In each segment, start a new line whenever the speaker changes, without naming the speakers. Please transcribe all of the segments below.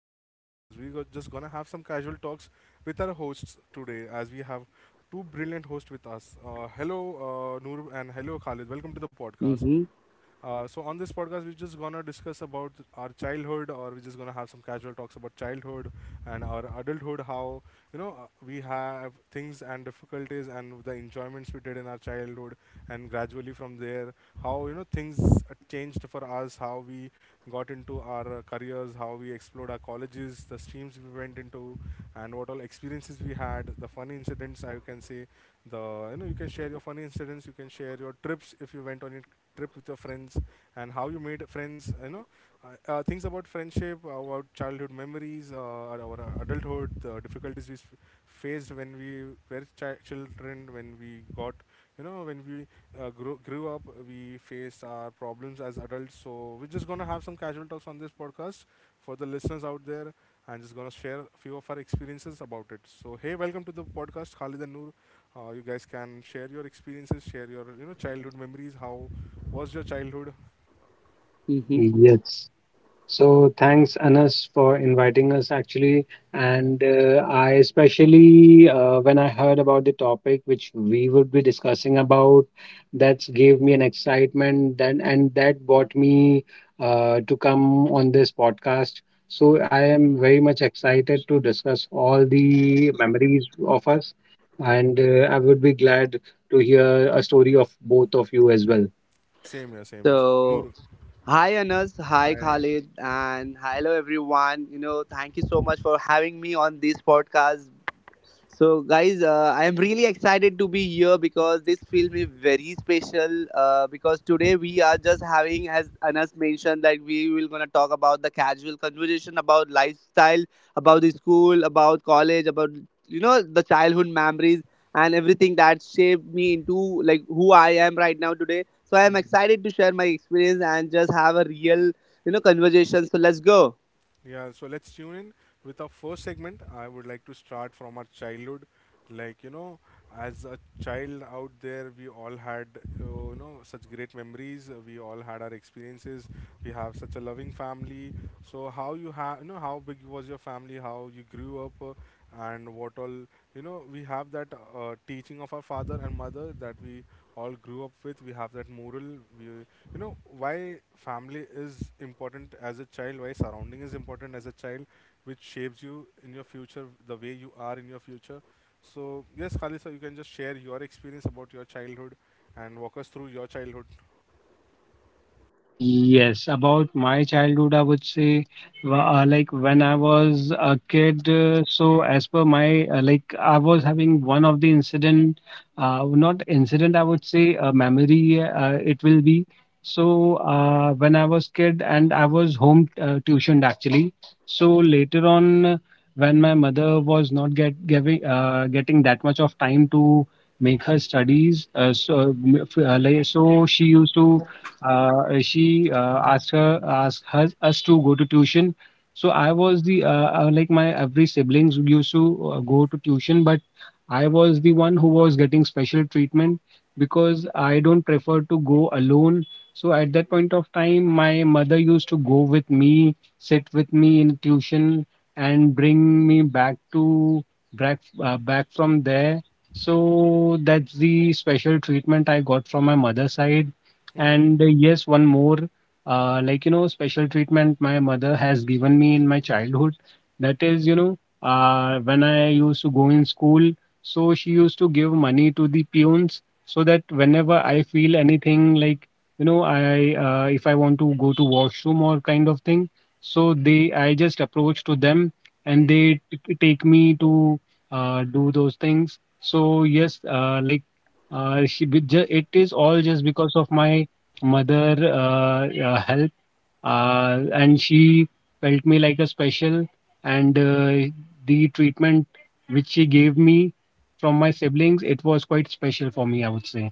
Anas, and on this podcast we are just gonna have some casual talks with our hosts today, as we have two brilliant hosts with us. Hello Noor, and hello Khalid. Welcome to the
Mm-hmm.
podcast. So on this podcast, we're just gonna discuss about our childhood, or we're just gonna have some casual talks about childhood and our adulthood. How we have things and difficulties and the enjoyments we did in our childhood, and gradually from there, how things changed for us, how we got into our careers, how we explored our colleges, the streams we went into, and what all experiences we had, the funny incidents I can say, the you know you can share your funny incidents, you can share your trips if you went on it trip with your friends, and how you made friends. Things about friendship, about childhood memories, our adulthood, the difficulties we faced when we were children, when we got when we grew up, we faced our problems as adults. So we're just gonna have some casual talks on this podcast for the listeners out there, and just gonna share a few of our experiences about it. So hey, welcome to the podcast, Khalid and Noor. You guys can share your experiences, share your childhood memories, how What's your childhood?
Mm-hmm.
Yes. So thanks, Anas, for inviting us actually. And
Mhm.
I especially, when I heard about the topic which we would be discussing about, that gave me an excitement then, and that brought me to come on this podcast. So I am very much excited to discuss all the memories of us, and I would be glad to hear a story of both of you as well.
Same here, same here.
So,
Noor.
Hi Anas, hi Khalid,
Hi.
and hello everyone. You know, thank you so much for having me on this podcast. So, guys, I am really excited to be here because this film is very special. Because today we are just having, as Anas mentioned, that we will gonna talk about the casual conversation about lifestyle, about the school, about college, about you know the childhood memories and everything that shaped me into like who I am right now today. So I am excited to
Mhm.
share my experience and just have a real you know conversation. So let's go.
Yeah, so let's tune in with our first segment. I would like to start from our childhood. Like, as a child out there, we all had, such great memories. We all had our experiences. We have such a loving family. So, how big was your family, how you grew up, and what all, we have that teaching of our father and mother that we all grew up with. We have that moral. We you know why family is important as a child, why surrounding is important as a child, which shapes you in your future, the way you are in your future. So yes, Khalisa, you can just share your experience about your childhood and walk us through your childhood.
Yes, about my childhood, I would say, like when I was a kid, so as per my, like I was having one of the incident, not incident, I would say a memory, it will be. So when I was kid and I was home tuitioned actually. So later on, when my mother was not getting that much of time to make her studies, so like, so she used to she asked us to go to tuition. So I was the like my every siblings used to go to tuition, but I was the one who was getting special treatment because I don't prefer to go alone. So at that point of time, my mother used to go with me, sit with me in tuition, and bring me back to back back from there. So that's the special treatment I got from my mother's side. And
Mhm.
yes, one more, like, special treatment my mother has given me in my childhood. That is, when I used to go in school, so she used to give money to the peons so that whenever I feel anything like, if I want to go to washroom or kind of thing, so they, I just approach to them and they
Mhm.
take me to do those things. So yes, like, it is all just because of my mother help, and she felt me like a special, and the treatment which she gave me from my siblings, it was quite special for me, I would say.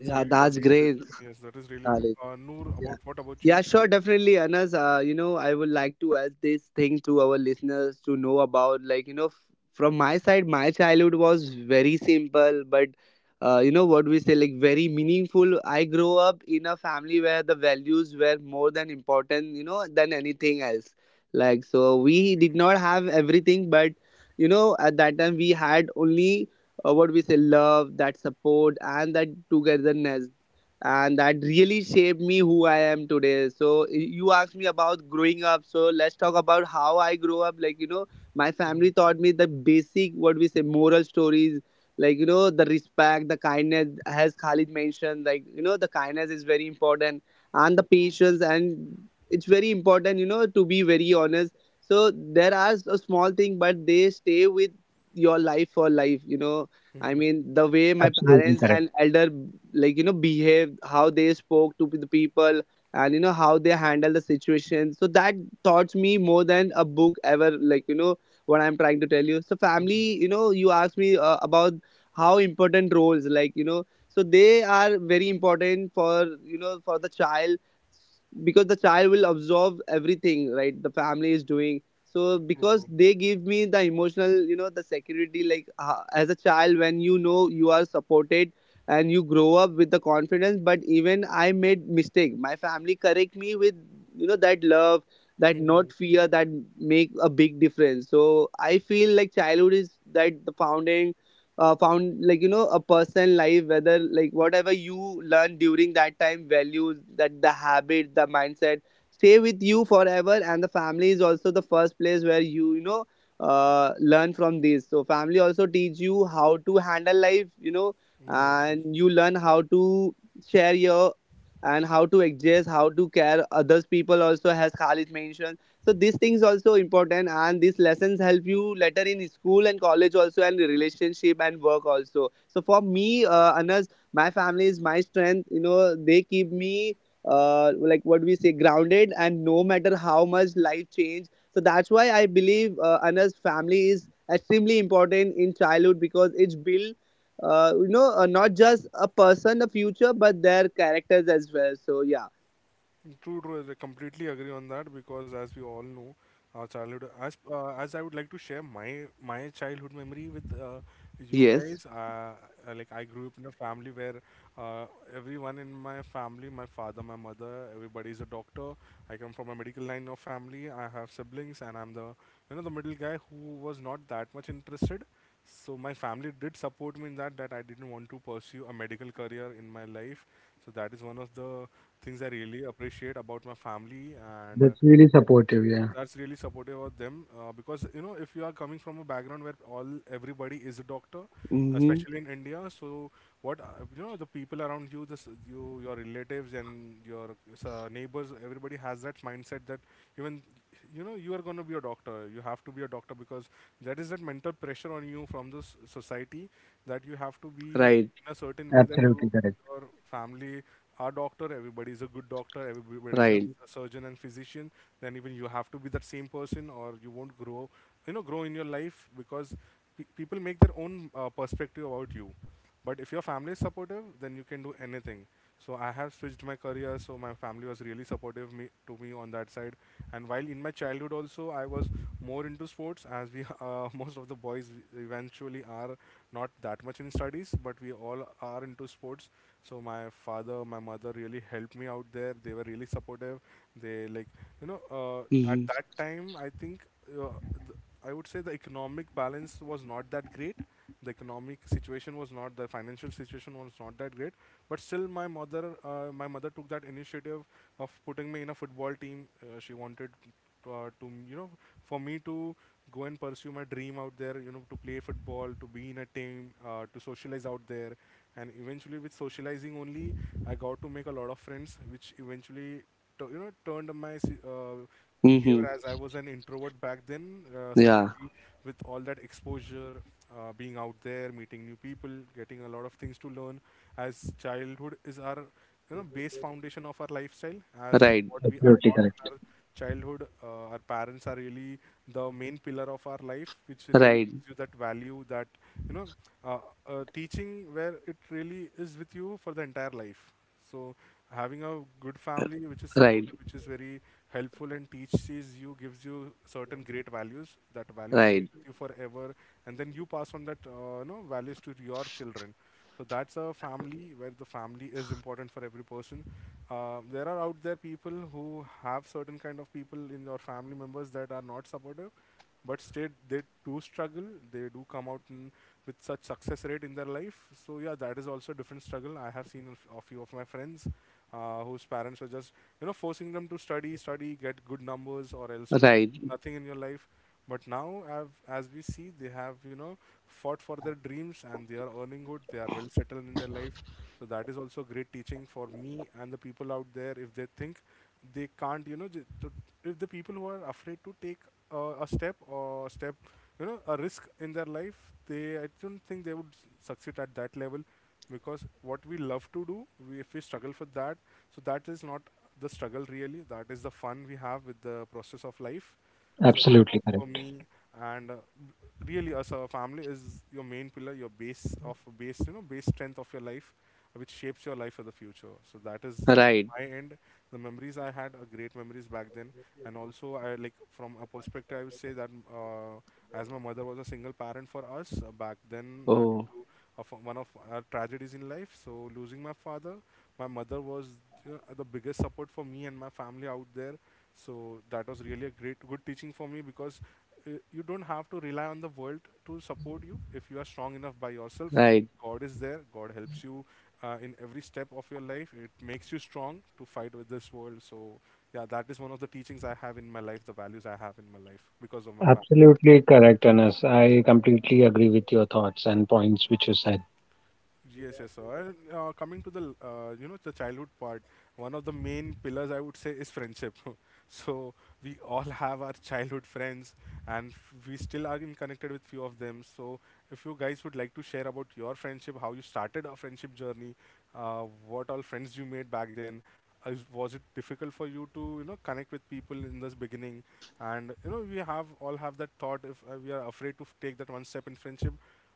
Yeah,
That's
that's
really
great,
lovely to listen. Yes, that is
Khalid.
really lovely.
Yeah.
Noor, about what
Yeah,
about
sure,
you?
definitely, Anas. You know, I would like to add this thing to our listeners to know about, like, you know, from my side, my childhood was very simple, but, you know, what we say, like, very meaningful. I grew up in a family where the values were more than important, you know, than anything else. Like, so we did not have everything, but, you know, at that time we had only what we say, love, that support, and that togetherness and that really shaped me who I am today. So you asked me about growing up. So let's talk about how I grew up. Like you know, my family taught me the basic what we say moral stories. Like you know, the respect, the kindness, as Khalid mentioned. Like you know, the kindness is very important, and the patience, and it's very important. You know, to be very honest. So there are a small thing, but they stay with your life for life. You know, I mean,
Mhm.
the way my
Absolutely
parents
correct.
and elder, like, you know, behaved, how they spoke to the people, and, you know, how they handle the situation. So that taught me more than a book ever, like, you know, what I'm trying to tell you. So, family, you
Mhm.
know, you asked me about how important roles, like, you know, so they are very important for, you know, for the child because the child will absorb everything, right? The family is doing so because
True,
they
true.
give me the emotional you know the security like as a child when you know you are supported and you grow up with the confidence. But even I made mistake, my family correct me with you know that love, that not fear,
Mhm.
that make a big difference. So I feel like childhood is that the founding found, like you know, a person life. Whether like whatever you learn during that time, values, that the habit, the mindset stay with you forever. And the family is also the first place where you know learn from this. So family also teach you how to handle life, you know, and
Yes,
you
yes.
learn how to share your, and how to adjust, how to care others people, also has Khalid mentioned. So these things also important, and these lessons help you later in school and college also, and relationship and work also. So for me, Anas, my family is my strength, you know. They keep me like what we say grounded, and no matter how much life change. So that's why I believe, Anna's, family is extremely important in childhood because it's built, you know, not just a person a future but their characters as well. So yeah.
True, true. I completely agree on that, because as we all know, our childhood. As I would like to share my childhood memory with
Yes.
you guys. Like I grew up in a family where uh, everyone in my family, my father, my mother, everybody is a doctor. I come from a medical line of family. I have siblings, and I'm the you know the middle guy who was not that much interested. So my family did support me in that that I didn't want to pursue a medical career in my life. So that is one of the things I really appreciate about my family.
That's
And
really supportive. Yeah.
that's really supportive of them, because if you are coming from a background where all everybody is a doctor,
Mm-hmm.
especially in India. So what the people around you, this you, your relatives and your neighbors, everybody has that mindset that even you are going to be a doctor, you have to be a doctor. Because that is that mental pressure on you from the society, that you have to be
Right.
in a certain way,
Absolutely
that
correct.
you your family are doctor, everybody's a good doctor,
Right.
everybody's a surgeon and physician, then even you have to be that same person or you won't grow in your life, because people make their own perspective about you. But if your family is supportive, then you can do anything. So I have switched my career. So my family was really supportive to me on that side. And while in my childhood also, I was more into sports, as we most of the boys eventually are not that much in studies, but we all are into sports. So my father, my mother really helped me out there. They were really supportive. They you know uh,
Mm-hmm.
at that time I think uh, th- I would say the economic balance was not that great, the economic situation was not the financial situation was not that great. But still, my mother took that initiative of putting me in a football team. She wanted to for me to go and pursue my dream out there. To play football, to be in a team, to socialize out there. And eventually, with socializing only, I got to make a lot of friends, which eventually turned my
Mm-hmm.
behavior, as I was an introvert back then.
Yeah.
Suddenly, with all that exposure, being out there, meeting new people, getting a lot of things to learn, as childhood is our base foundation of our lifestyle.
Right.
As what we are taught in our childhood, our parents are really the main pillar of our life, which
Right.
really gives you that value, that you know uh, teaching, where it really is with you for the entire life. So having a good family which is
Right.
supportive, which is very helpful and teaches you, gives you certain great values. That
Right.
value stays with you forever, and then you pass on that values to your children. So that's a family where the family is important for every person. There are out there people who have certain kind of people in your family members that are not supportive, but still they do struggle, they do come out with such success rate in their life. So yeah, that is also a different struggle. I have seen a few of my friends whose parents were just forcing them to study, get good numbers, or else
Right.
you'll nothing in your life. But now, as we see, they have fought for their dreams, and they are earning good, they are well settled in their life. So that is also great teaching for me and the people out there. If they think they can't, if the people who are afraid to take a step or step, a risk in their life, they I don't think they would succeed at that level. Because what we love to do, we if we struggle for that, so that is not the struggle, really. That is the fun we have with the process of life. So
Absolutely
that is
correct.
for me. And really, as a family is your main pillar, your base of base, base strength of your life, which shapes your life for the future. So that is
Right.
from my end. The memories I had are great memories back then. And also I, like, from a perspective, I would say that as my mother was a single parent for us back then.
Oh.
Due to of one of our tragedies in life. So losing my father, my mother was the biggest support for me and my family out there. So that was really a great good teaching for me. Because you don't have to rely on the world to support you if you are strong enough by
Right.
yourself. God is there. God helps you in every step of your life. It makes you strong to fight with this world. So yeah, that is one of the teachings I have in my life, the values I have in my life because of my family.
Absolutely correct, Anas. I completely agree with your thoughts and points which you said.
Yes, yes, sir. And coming to the the childhood part, one of the main pillars I would say is friendship. So we all have our childhood friends, and we still are in connected with few of them. So if you guys would like to share about your friendship, how you started a friendship journey, what all friends you made back then, was it difficult for you to connect with people in this beginning? And we have all have that thought, if we are afraid to take that one step in friendship,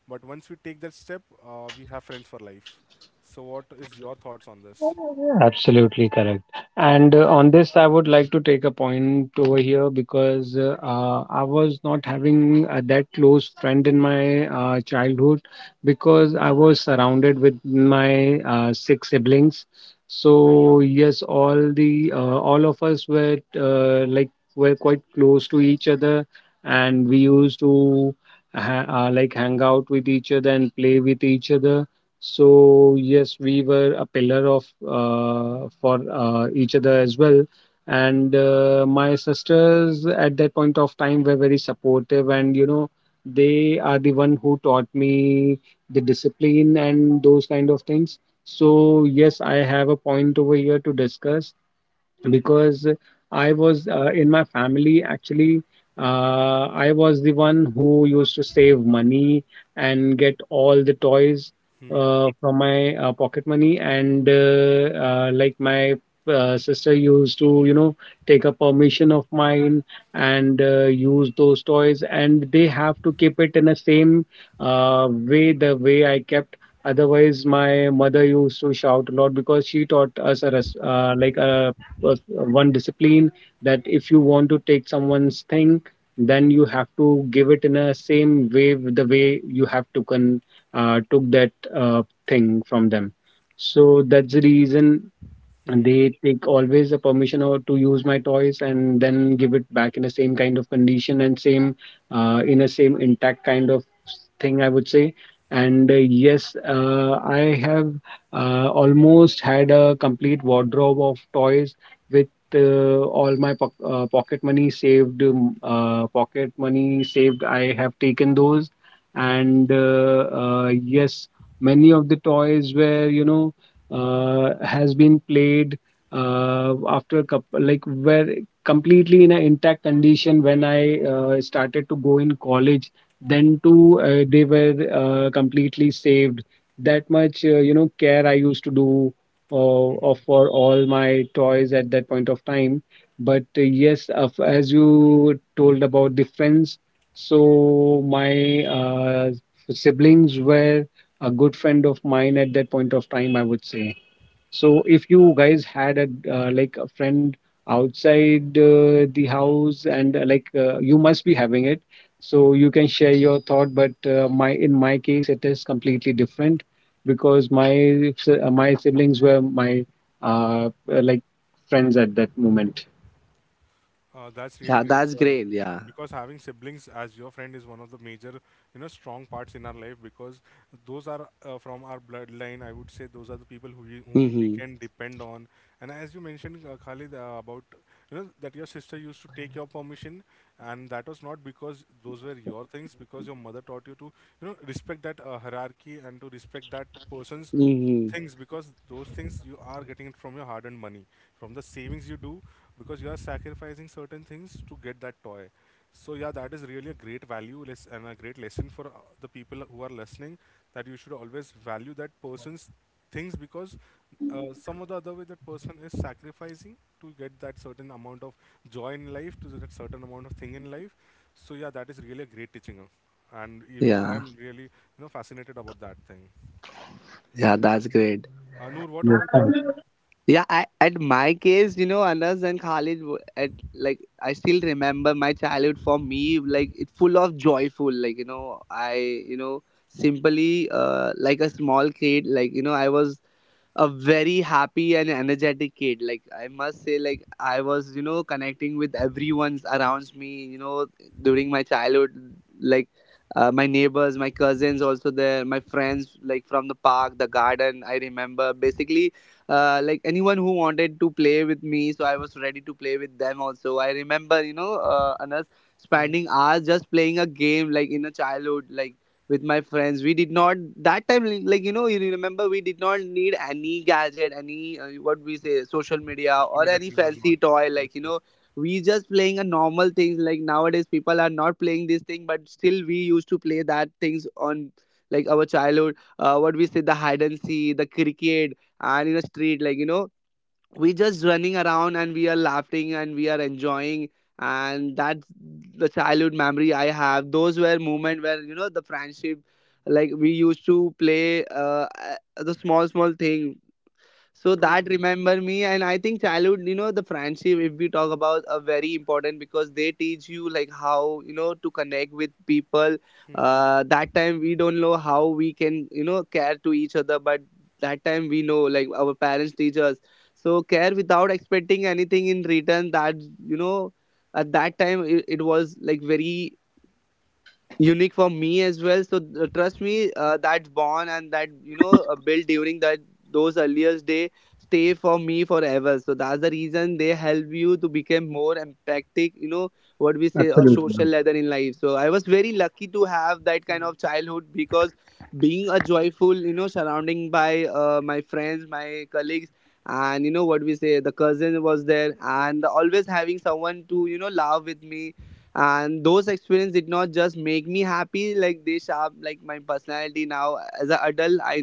but once we take that step, we have friends for life. So, what is your thoughts on this?
Absolutely correct. And on this, I would like to take a point over here because I was not having that close friend in my childhood, because I was surrounded with my six siblings. So yes, all the all of us were like were quite close to each other, and we used to like hang out with each other and play with each other. So yes, we were a pillar of for each other as well. And my sisters at that point of time were very supportive, and you know, they are the one who taught me the discipline and those kind of things. So yes, I have a point over here to discuss because I was in my family actually. I was the one who used to save money and get all the toys from my pocket money, and like my sister used to, you know, take a permission of mine and use those toys, and they have to keep it in the same way the way I kept. Otherwise, my mother used to shout a lot because she taught us a like a one discipline that if you want to take someone's thing, then you have to give it in a same way with the way you have taken took that thing from them. So that's the reason, and they take always the permission or to use my toys, and then give it back in the same kind of condition, and same in a same intact kind of thing, I would say. And yes, I have almost had a complete wardrobe of toys with all my pocket money saved, I have taken those. And yes, many of the toys were, you know, has been played after a couple, like where completely in an intact condition when I started to go in college. Then too, they were completely saved. That much, care I used to do uh, of for all my toys at that point of time. But yes, of as you told about the friends, so my siblings were a good friend of mine at that point of time, I would say. So if you guys had a like a friend outside the house, and like you must be having it, so you can share your thought. But my in my case, it is completely different because my my siblings were my like friends at that moment.
Yeah.
That's really
That's
great,
great.
sir.
Yeah.
Because having siblings as your friend is one of the major, strong parts in our life. Because those are from our bloodline. I would say those are the people whom
Mm-hmm.
we can depend on. And as you mentioned, Khalid, about that your sister used to take your permission, and that was not because those were your things. Because your mother taught you to, respect that hierarchy and to respect that person's
Mm-hmm.
things, because those things you are getting it from your hard earned money, from the savings you do, because you are sacrificing certain things to get that toy. So yeah, that is really a great value less and a great lesson for the people who are listening, that you should always value that person's things, because some of the other way that person is sacrificing to get that certain amount of joy in life, to that certain amount of thing in life. So yeah, that is really a great teaching, and
Yeah.
even I am really fascinated about that thing.
Yeah, that's great.
Anur,
Yes,
what about
yes,
you?
Yeah, at my case, you know, Anas and Khalid, at like I still remember my childhood. For me, like it full of joyful. Like you know, I you know simply like a small kid. Like you know, I was a very happy and energetic kid, like I must say. Like I was you know connecting with everyone's around me, you know, during my childhood. Like my neighbors, my cousins also there, my friends, like from the park, the garden, I remember basically like anyone who wanted to play with me, so I was ready to play with them. Also I remember, you know, Anas, spending
Hmm.
hours just playing a game, like in a childhood. Like with my friends, we did not that time, like you know, you remember, we did not need any gadget, any what we say social media, or
Social
any
media thing
fancy
was not.
toy, like you
Yes,
know,
yes.
we just playing a normal things, like nowadays people are not playing this thing, but still we used to play that things on, like our childhood. What we say the hide and see, the cricket, and in a street, like you know, we just running around, and we are laughing, and we are enjoying. And that's the childhood memory I have. Those were moment where you know the friendship, like we used to play, the small small thing. So that
True, true.
remember me, and I think childhood, you know, the friendship, if we talk about, are very important because they teach you like how, you know, to connect with people.
Mhm.
That time we don't know how we can, you know, care to each other, but that time we know like our parents teach us, so care without expecting anything in return. That, you know, at that time it was like very unique for me as well. So trust me, that bond and that you know built during that those earliest day stay for me forever. So that's the reason they help you to become more empathic, you know, what we say a social
absolutely.
leather in life. So I was very lucky to have that kind of childhood because being a joyful, you know, surrounding by my friends, my colleagues, and you know what we say the cousin was there, and always having someone to you know laugh with me. And those experiences did not just make me happy, like they shape like my personality now as an adult. I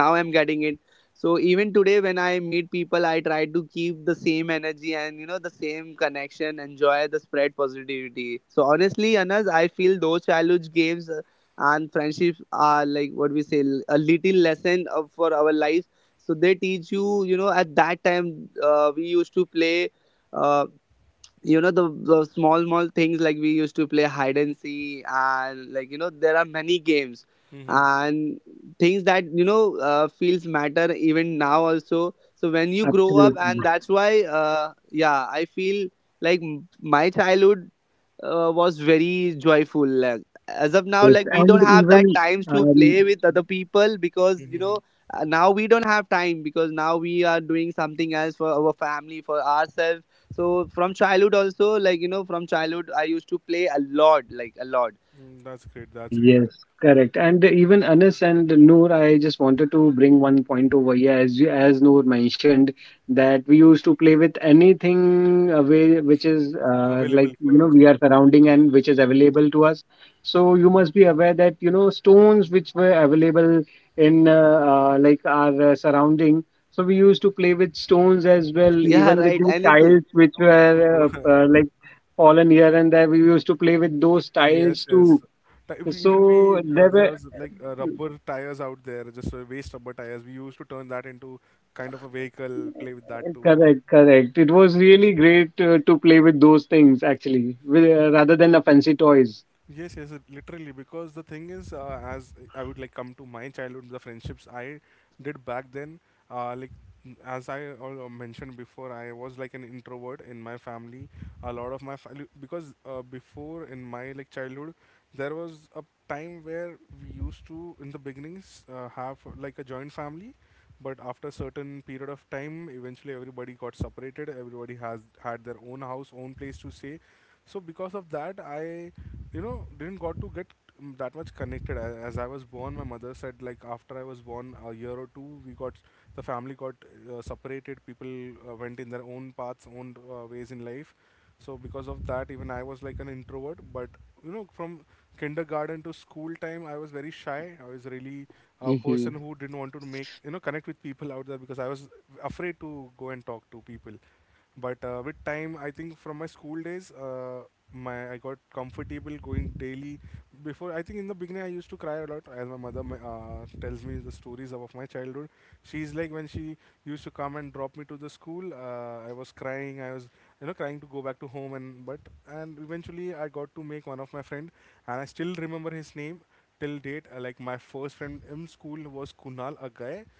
now I'm getting it. So even today when I meet people, I try to keep the same energy, and you know the same connection, enjoy the spread positivity. So honestly Anas, I feel those childhood games and friendships are like what we say, a little lesson of, for our lives. So they teach you, you know, at that time we used to play. Uh, you know the small small things, like we used to play hide and seek, and like you know there are many games
Mhm.
and things that you know feels matter even now also. So when you grow up,
Absolutely.
and that's why yeah I feel like my childhood was very joyful. Like as of now,
Yes,
like we don't
and
have that
even
times to play
um,
with other people because you know
Mhm.
now we don't have time because now we are doing something else for our family, for ourselves. So from childhood also, like you know, from childhood I used to play a lot, like a lot.
Mm, that's great. That's
Yes,
really great.
correct.
Mhm.
And even Anas and Noor, I just wanted to bring one point over here. As you, as Noor mentioned, that we used to play with anything away which is like
Available
we
for
are
us.
surrounding and which is available to us. So you must be aware that stones which were available in like our surrounding. So we used to play with stones as well,
Yeah,
even with
right.
the
Anything.
tiles which
True, true,
were like
true.
fallen here and there. We used to play with those tiles
Yes,
too,
yes. Even
so
we,
there were.
there was like rubber tires out there, just waste rubber tires. We used to turn that into kind of a vehicle, play with that too,
Correct,
right?
correct. It was really great to play with those things actually, with, rather than the fancy toys.
Yes, yes, it- literally. Because the thing is, as I would like come to my childhood, the friendships I did back then, like as I mentioned before, I was like an introvert in my family. A lot of my family, because before in my like childhood, there was a time where we used to, in the beginnings, have like a joint family, but after a certain period of time, eventually everybody got separated, everybody has had their own house, own place to stay. So because of that, I didn't got to get, mm, that much connected. As I was born, my mother said, like after I was born a year or two, we got, the family got separated. People went in their own paths, own ways in life. So because of that, even I was like an introvert, but from kindergarten to school time, I was very shy. I was really a
Hmm.
person who didn't want to make, connect with people out there, because I was afraid to go and talk to people. But with time, I think from my school days, my I got comfortable going daily. Before, I think in the beginning, I used to cry a lot. As my mother tells me the stories of my childhood, she's like, when she used to come and drop me to the school. I was crying. I was trying to go back to home and but, and eventually I got to make one of my friend, and I still remember his name till date. Like, my first friend in school was Kunal, a guy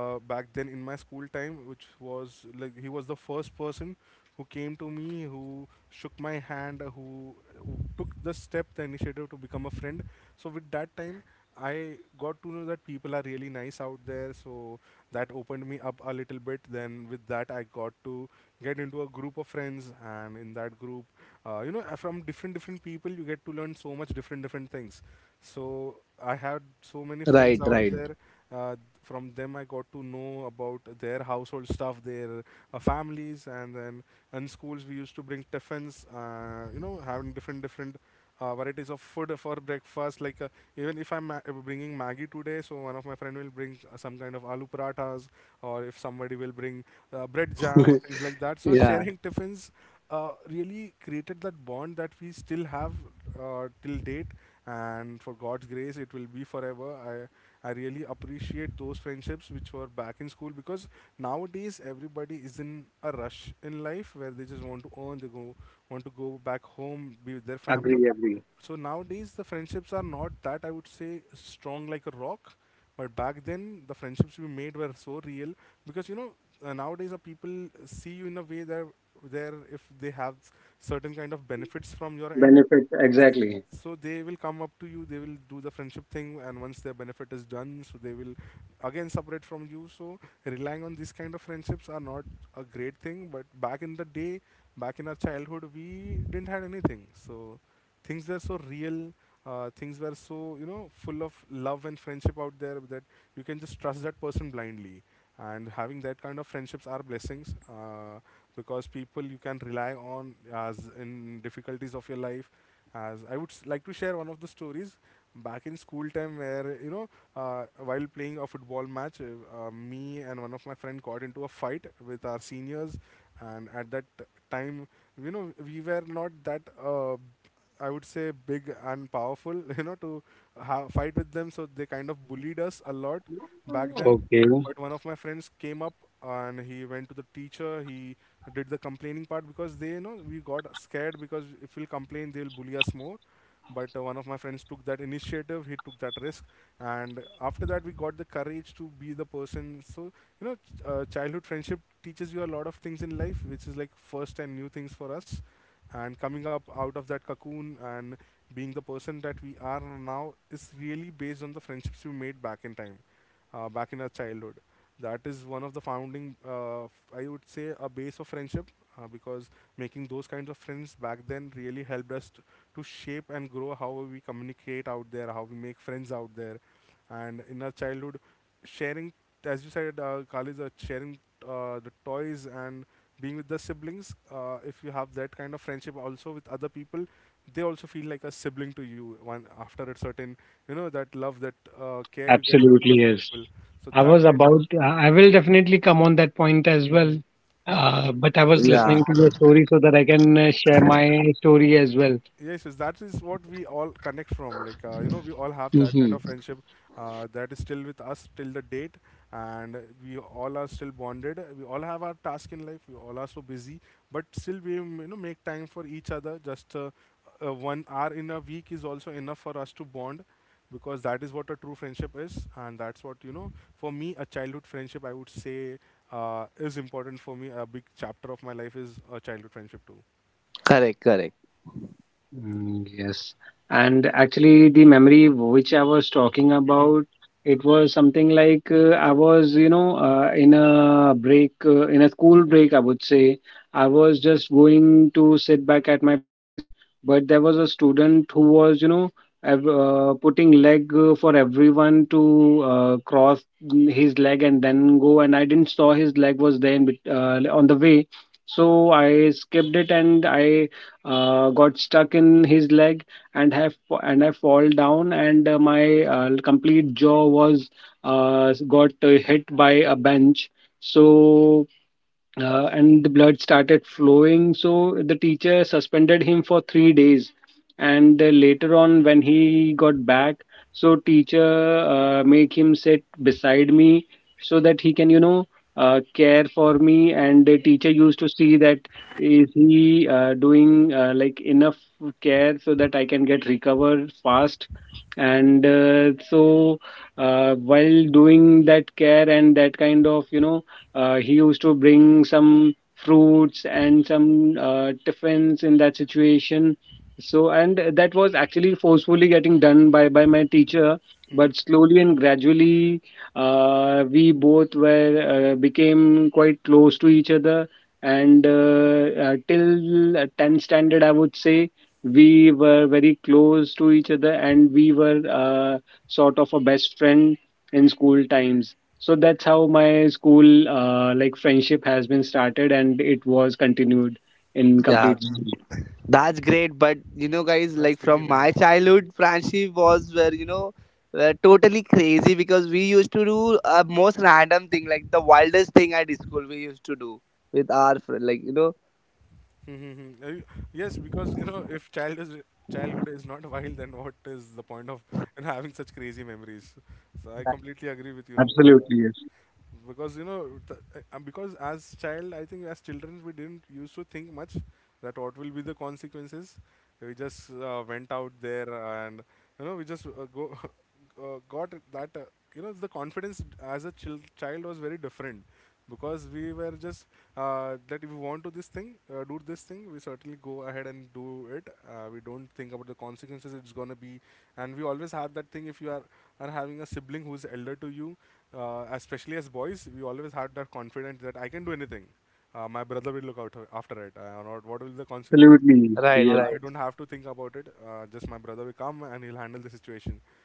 back then in my school time, which was like he was the first person who came to me, who shook my hand, who took the step, the initiative, to become a friend. So with that time, I got to know that people are really nice out there. So that opened me up a little bit. Then with that, I got to get into a group of friends, and in that group, from different different people, you get to learn so much different different things. So I had so many
Right,
friends
right.
out there. Uh, from them, I got to know about their household stuff, their families, and then in schools we used to bring tiffins. You know, having different different varieties of food for breakfast. Like even if I'm bringing Maggie today, so one of my friend will bring some kind of aloo parathas, or if somebody will bring bread jam or things like that. So
Yeah,
sharing tiffins really created that bond that we still have till date, and for God's grace, it will be forever. I really appreciate those friendships which were back in school, because nowadays everybody is in a rush in life, where they just want to earn, they go want to go back home, be with their
Agree,
family.
agree.
So nowadays the friendships are not that, I would say, strong like a rock, but back then the friendships we made were so real, because nowadays the people see you in a way that, there if they have certain kind of benefits from your end,
Benefit exactly.
so they will come up to you, they will do the friendship thing, and once their benefit is done, so they will again separate from you. So relying on these kind of friendships are not a great thing, but back in the day, back in our childhood, we didn't had anything, so things were so real. Things were so, full of love and friendship out there, that you can just trust that person blindly, and having that kind of friendships are blessings, because people you can rely on as in difficulties of your life. As I would like to share one of the stories back in school time, where while playing a football match, me and one of my friend got into a fight with our seniors, and at that time, we were not that. I would say, big and powerful, you know, to fight with them. So they kind of bullied us a lot back
Okay,
then, but one of my friends came up and he went to the teacher, he did the complaining part, because they you know, we got scared, because if we'll complain they'll bully us more. But one of my friends took that initiative, he took that risk, and after that we got the courage to be the person. So you know, childhood friendship teaches you a lot of things in life, which is like first and new things for us, and coming up out of that cocoon and being the person that we are now is really based on the friendships we made back in time, back in our childhood. That is one of the founding, I would say, a base of friendship, because making those kinds of friends back then really helped us to shape and grow how we communicate out there, how we make friends out there. And in our childhood, sharing, as you said, Khalid, sharing the toys and being with the siblings, if you have that kind of friendship also with other people, they also feel like a sibling to you one after a certain, that love, that care you get from
absolutely,
those
yes.
people.
I
So
was
that
about,
really helps.
I will definitely come on that point as well.
Mm-hmm.
But I was
yeah.
listening to your story so that I can share my story as well.
Yes, yes, that is what we all connect from. Like, we all have that
Hmm.
kind of friendship that is still with us till the date, and we all are still bonded. We all have our task in life. We all are so busy, but still we, mm, make time for each other. Just 1 hour in a week is also enough for us to bond, because that is what a true friendship is, and that's what you know. For me, a childhood friendship, I would say, is important for me. A big chapter of my life is a childhood friendship too.
Correct, correct.
Mm, yes, and actually, the memory which I was talking about, it was something like I was, in a break, in a school break, I would say. I was just going to sit back at my place, but there was a student who was, putting leg for everyone to cross his leg and then go. And I didn't saw his leg was there in, on the way, so I skipped it, and I got stuck in his leg and have and I fall down, and my complete jaw was got hit by a bench. So and the blood started flowing. So the teacher suspended him for 3 days, and later on when he got back, so teacher made him sit beside me so that he can care for me. And the teacher used to see that is he doing like enough care so that I can get recovered fast. And so while doing that care and that kind of he used to bring some fruits and some tiffins in that situation. So, and that was actually forcefully getting done by my teacher. But slowly and gradually, we both were became quite close to each other. And till 10th standard, I would say, we were very close to each other, and we were sort of a best friend in school times. So that's how my school like friendship has been started and it was continued in
Yeah,
complete school.
that's great. But you know, guys, like
That's
from
really
my
nice.
childhood, friendship was where you know, were totally crazy because we used to do a most random thing, like the wildest thing at school. We used to do with our friend, like you know.
Mm-hmm. Yes, because you know, if child is childhood is not wild, then what is the point of, having such crazy memories? So
Right,
I completely agree with you, Noor, on that.
Absolutely,
Because you know, because as child, I think as children, we didn't used to think much that what will be the consequences. We just went out there and, you know, we just go got that you know, the confidence as a child was very different, because we were just that if we want to this thing, do this thing, we certainly go ahead and do it. We don't think about the consequences it's gonna be, and we always have that thing, if are having a sibling who's elder to you, especially as boys, we always had that confidence that I can do anything. My brother will look out after it, or not what will
yes.
the consequence.
Absolutely,
right.
yes.
Right.
I don't have to think about it. Just my brother will come and he'll handle the situation.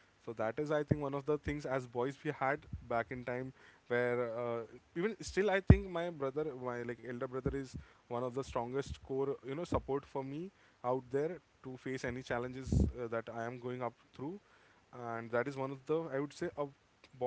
So that is, I think, one of the things as boys we had back in time, where even still, I think my like elder brother, is one of the strongest core, you know, support for me out there to face any challenges that I am going up through. And that is one of the, I would say, a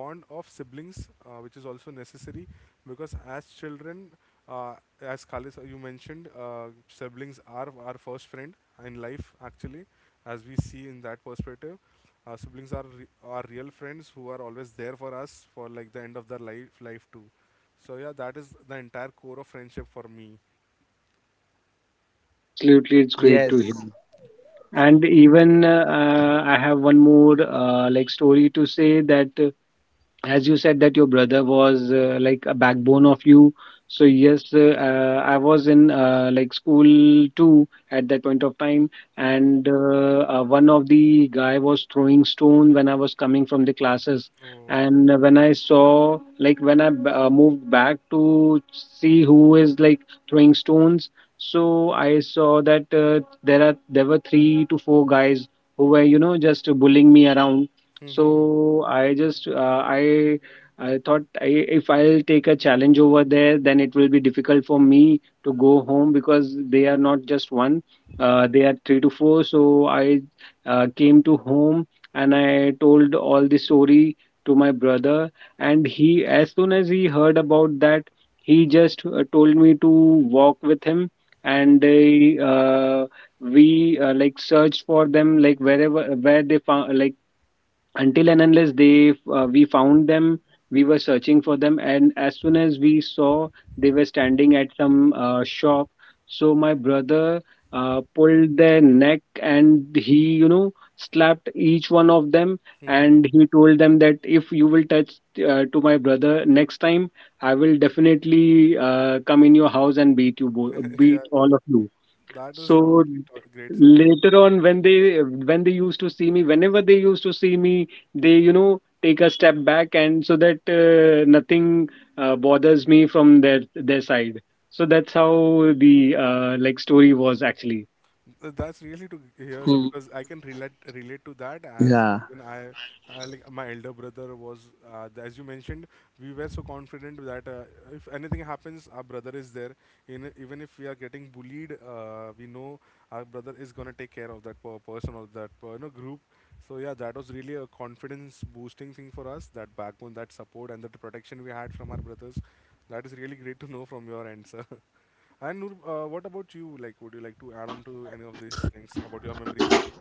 bond of siblings which is also necessary, because as children, uh, as Khalis, you mentioned, siblings are our first friend in life, actually, as we see in that perspective. Uh, siblings are real friends who are always there for us for like the end of their life too. So yeah, that is the entire core of friendship for me.
Absolutely, it's great to hear.
Yes.
And
So
even I have one more like story to say, that as you said that your brother was like a backbone of you. So yes, I was in like school too at that point of time,
Mhm.
and one of the guy was throwing stone when I was coming from the classes.
Oh.
And when I saw, like, when I moved back to see who is like throwing stones, so I saw that there were three to four guys who were just bullying me around. So I just I thought if I'll take a challenge over there, then it will be difficult for me to go home because they are not just one, they are three to four. So I came to home, and I told all the story to my brother. And he, as soon as he heard about that, he just told me to walk with him, and we like searched for them, like wherever where they found, like until and unless they we found them. We were searching for them, and as soon as we saw, they were standing At some shop, so my brother pulled their neck and he slapped each one of them. And he told them that if you will touch to my brother next time, I will definitely come in your house and beat you beat
Yeah,
all of you.
that is really
So
great, sir.
later on, when they used to see me, whenever they used to see me, they take a step back and so that nothing bothers me from their side. So that's how the like story was actually.
That's really to hear,
Hmm.
sir, because I can relate to that, as
Yeah.
even I, like my elder brother was, as you mentioned, we were so confident that if anything happens, our brother is there. In, even if we are getting bullied, we know our brother is gonna take care of that per person or that per, you know, group. So yeah, that was really a confidence boosting thing for us. That backbone, that support, and that protection we had from our brothers. That is really great to know from your end, sir. And Noor, what about you? Like, would you like to add on to any of these things about your memories?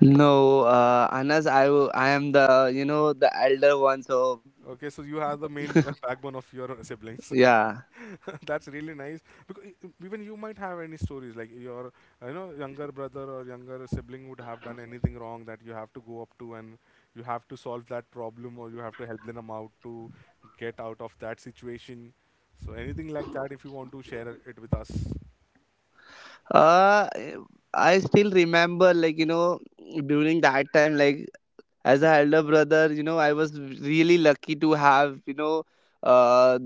No, Anas, I I am the you know the elder one, so
Okay, so you are the main backbone of your siblings.
yeah.
That's really nice. Because e, e, even you might have any stories like your, you know, younger brother or younger sibling would have done anything wrong that you have to go up to, and you have to solve that problem, or you have to help them out to get out of that situation. So anything like that, if you want to share it with us.
Uh, I still remember, like you know, during that time, like as an elder brother, you know I was really lucky to have you know, uh,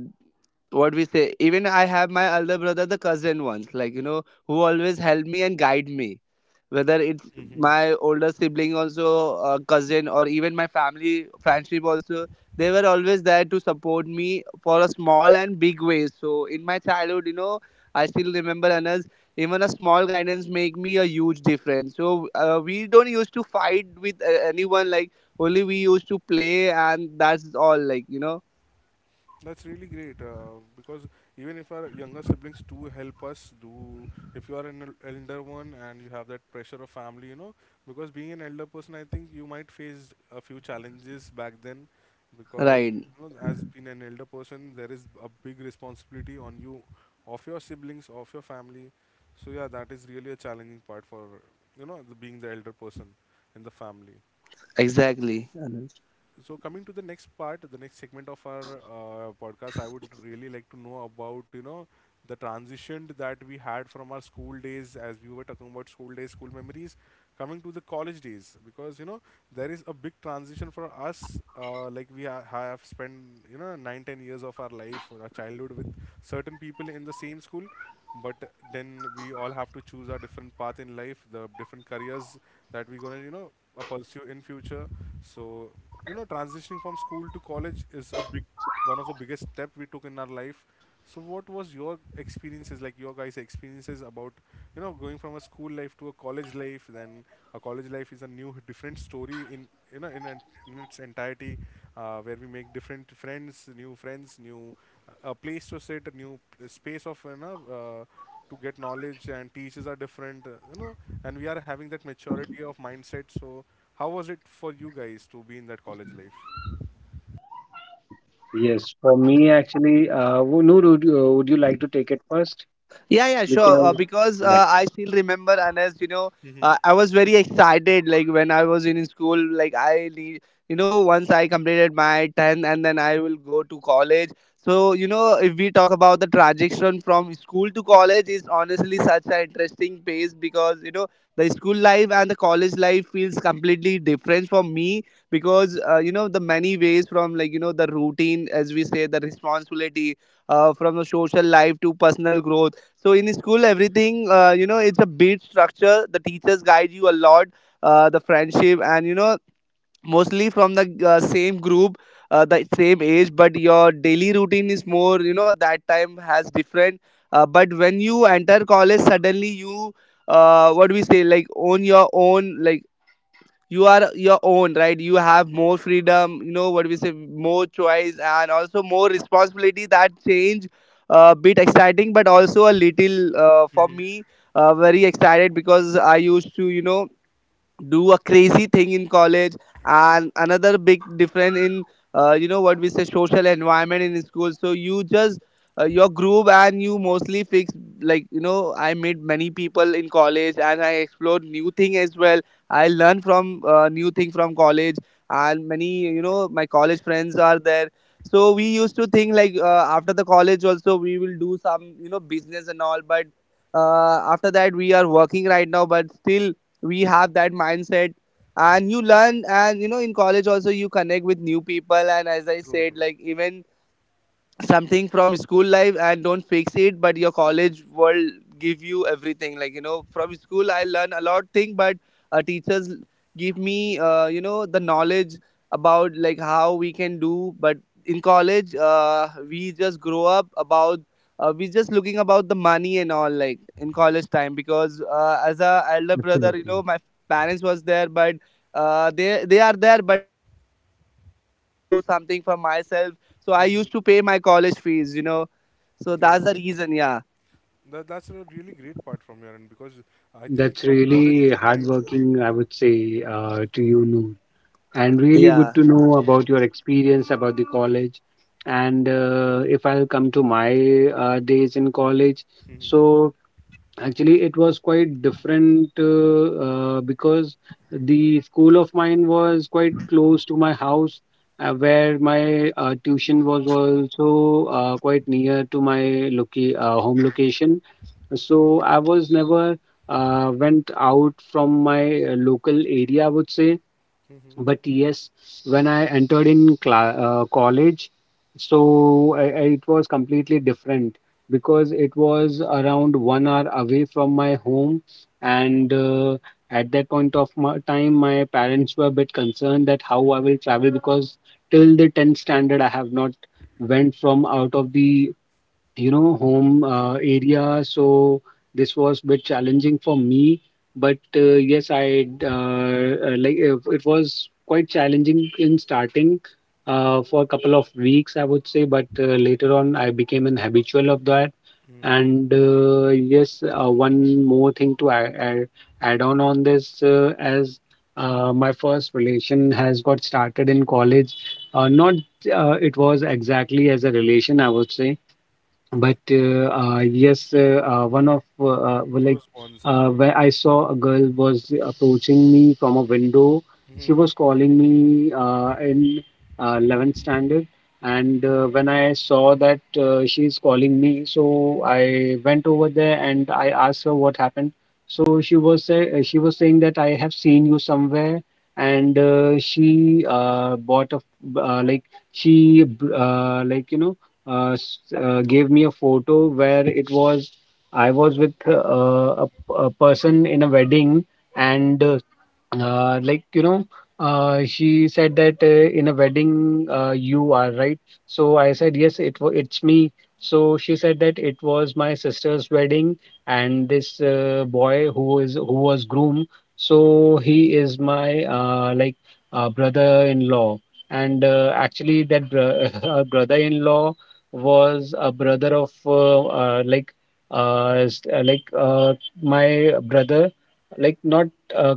what we say, even I have my elder brother, the cousin ones, like you know, who always help me and guide me, whether it's my older sibling also a cousin, or even my family friendship also. They were always there to support me for a small and big ways. So in my childhood, you know, I still remember Anas, even a small guidance make me a huge difference. So we don't used to fight with anyone, like only we used to play, and that's all, like you know.
That's really great because, even if our younger siblings do help us do, if you are an elder one and you have that pressure of family, you know, because being an elder person, I think you might face a few challenges back then, because
Right.
you know, as being an elder person, there is a big responsibility on you, of your siblings, of your family. So yeah, that is really a challenging part for, you know, the, being the elder person in the family.
Exactly, Anand.
So coming to the next part, the next segment of our podcast, I would really like to know about, you know, the transition that we had from our school days, as we were talking about school days, school memories, coming to the college days, because you know, there is a big transition for us, like we have spent, you know, 9 10 years of our life or our childhood with certain people in the same school. But then we all have to choose our different path in life, the different careers that we're going to, you know, pursue in future. So, you
Correct.
know, transitioning from school to college is a big, one of the biggest step we took in our life. So what was your experiences, like your guys experiences, about, you know, going from a school life to a college life? Then a college life is a new different story in, you know, in, in its entirety, where we make different friends, new friends, new, a place to sit, a new space of, you know, to get knowledge, and teachers are different, you know, and we are having that maturity of mindset. So how was it for you guys to be in that college life?
Mm, Yes, for me actually, Noor, would you like to take it first?
Yeah, yeah, sure.
Because,
Because
yeah,
I still remember, and as you know,
Mm-hmm.
I was very excited. Like when I was in school, like need, you know, once I completed my 10th and then I will go to college. So, you know, if we talk about the transition from school to college, is honestly such an interesting pace because, you know, the school life and the college life feels completely different for me because, you know, the many ways from like, you know, the routine, as we say, the responsibility, from the social life to personal growth. So in school, everything you know, it's a beat structure. The teachers guide you a lot. The friendship and you know, mostly from the same group, the same age, but your daily routine is more. You know, that time has different. But when you enter college, suddenly you, what do we say, like own your own, like you are your own, right? You have more freedom, you know what we say, more choice and also more responsibility. That change a bit exciting but also a little for me very excited because I used to, you know, do a crazy thing in college. And another big difference in you know what we say social environment in school. So you just your group and you mostly fix, like, you know, I met many people in college and I explored new thing as well. I learned from new thing from college. And many, you know, my college friends are there. So we used to think like after the college also we will do some, you know, business and all. But after that we are working right now, but still we have that mindset. And you learn, and you know, in college also you connect with new people. And as I said, like,
Hmm.
even something from school life and don't fix it, but your college world give you everything. Like, you know, from school I learn a lot thing, but teachers give me you know, the knowledge about like how we can do. But in college, we just grow up about we just looking about the money and all, like in college time. Because as a elder brother, you know,
absolutely.
my parents was there. But uh, they are there, but at the end I need to do something for myself. So I used to pay my college fees, you know. So that's the reason, yeah.
That that's a really great part from your end, because I
That's
think from college
really
time,
hardworking, I would say, to you, Noor, and really good
Yeah.
to know about your experience about the college. And if I'll come to my days in college,
Mhm.
so actually it was quite different because the school of mine was quite close to my house, where my tuition was also quite near to my home location. So I was never went out from my local area, I would say,
Mhm.
but yes, when I entered in college, so I, it was completely different because it was around 1 hour away from my home, and at that point of my time, my parents were a bit concerned that how I will travel, because till the 10th standard I have not went from out of the home
Mhm.
area. So this was bit challenging for me, but yes, I like it was quite challenging in starting for a couple of weeks, I would say, but later on I became an habitual of that.
Mhm.
And yes, one more thing to add on this, as my first relation has got started in college. Not
Mhm.
it was exactly as a relation, I would say, but yes, one of well, like
Close bonds. I
where I saw a girl was approaching me from a window. She was calling me in 11th standard, and when I saw that she's calling me, so I went over there and I asked her what happened. So she was saying that I have seen you somewhere, and she bought like like gave me a photo where it was I was with a person in a wedding. And like she said that in a wedding, you are right. So I said yes, it's me. So she said that it was my sister's wedding, and this boy who was groom, so he is my like brother-in-law. And
yes.
actually that brother-in-law was a brother of like like my brother, like not uh,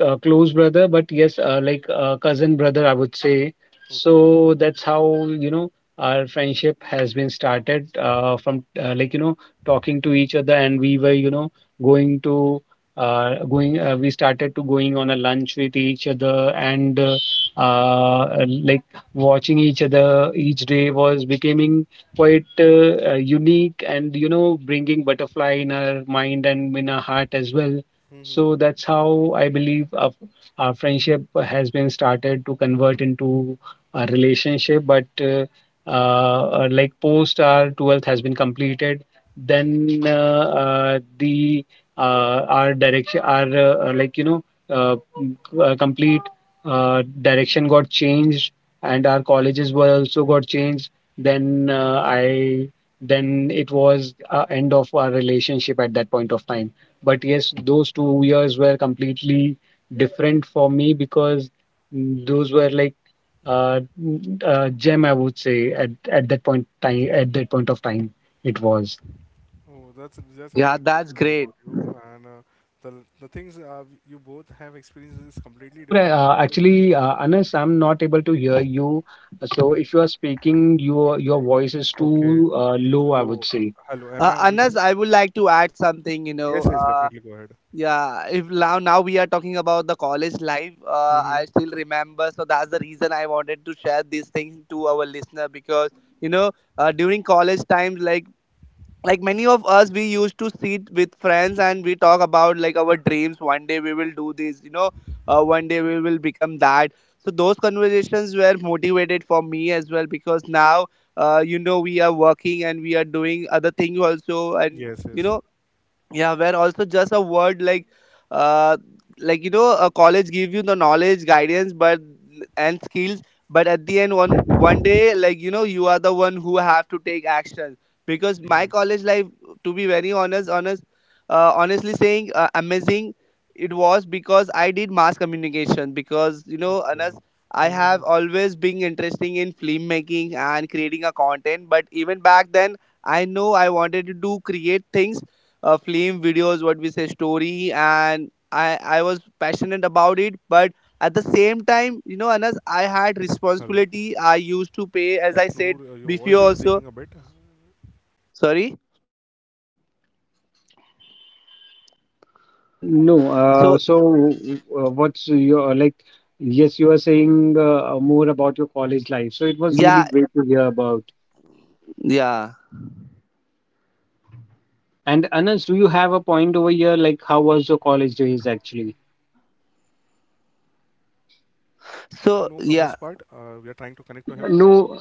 close brother, but yes, like cousin brother, I would say.
Okay.
So that's how, you know, our friendship has been started from like, you know, talking to each other. And we were, you know, going to, we started to going on a lunch with each other, and like watching each other each day was becoming quite unique and, you know, bringing butterfly in our mind and in our heart as well. So
Mhm.
that's how I believe our friendship has been started to convert into a relationship. But like post our 12th has been completed, then the our direction, our like you know, complete direction got changed, and our colleges were also got changed. Then uh, I then it was end of our relationship at that point of time. But
Mhm.
yes, those 2 years were completely different for me because those were like gem, I would say at that point time. At that point of time, it was.
Oh, that's
Yeah,
really great
that's
to know
great.
about you, and the the things you both have experienced is completely
Noor,
different in the college time.
Anas, I'm
Mhm.
not able to hear you. So
Hello.
if you are speaking, your voice is
Okay.
too low, I
Hello.
would
Okay.
say.
Hello. Am I audible
Anas,
now?
I would like to add something, you know.
Yes. Yes. Definitely. Go ahead.
Yeah, if now we are talking about the college life,
Mm-hmm.
I still remember. So that's the reason I wanted to share these things to our listener because, you know, during college times, like many of us, we used to sit with friends and we talk about like our dreams, one day we will do this, you know. One day we will become that. So those conversations were motivated for me as well because now, you know, we are working and we are doing other things also. And
Yes.
you
Yes.
know, yeah, where also just a word like, uh like, you know, a college give you the knowledge, guidance, but, and skills, but at the end, one day like, you know, you are the one who have to take action. Because
Mm-hmm.
my college life, to be very honest, honestly saying, amazing it was. Because I did mass communication. Because you know, Anas,
Okay.
I
Mm-hmm.
have always been interesting in film making and creating a content. But even back then, I know I wanted to do create things, film videos, what we say, story, and I was passionate about it. But at the same time, you know, Anas, I had
Hello.
responsibility. I used to pay, as I said
Noor, your voice
before
is
also.
breaking a bit.
Sorry.
Khalid, is Noor audible to you?
So
No, so what's your like?
I think uh,
Yes, you
uh,
are saying
I think Noor
more
has
about
kind
your
of
college
disconnected
life. So
from
it
our
was
part.
really
yeah.
great to hear
Uh, he's
about.
uh, like having
Yeah.
troubles to connect with us. But as we all heard,
And
Noor
Anas, do you have a point over
telling, you know,
here? Like,
sharing
how
about his
was your
things,
college days actually?
things were really great to know from his part. We are trying to connect to
So
him.
yeah.
Yes, yes, Noor, you are back. You are back.
No,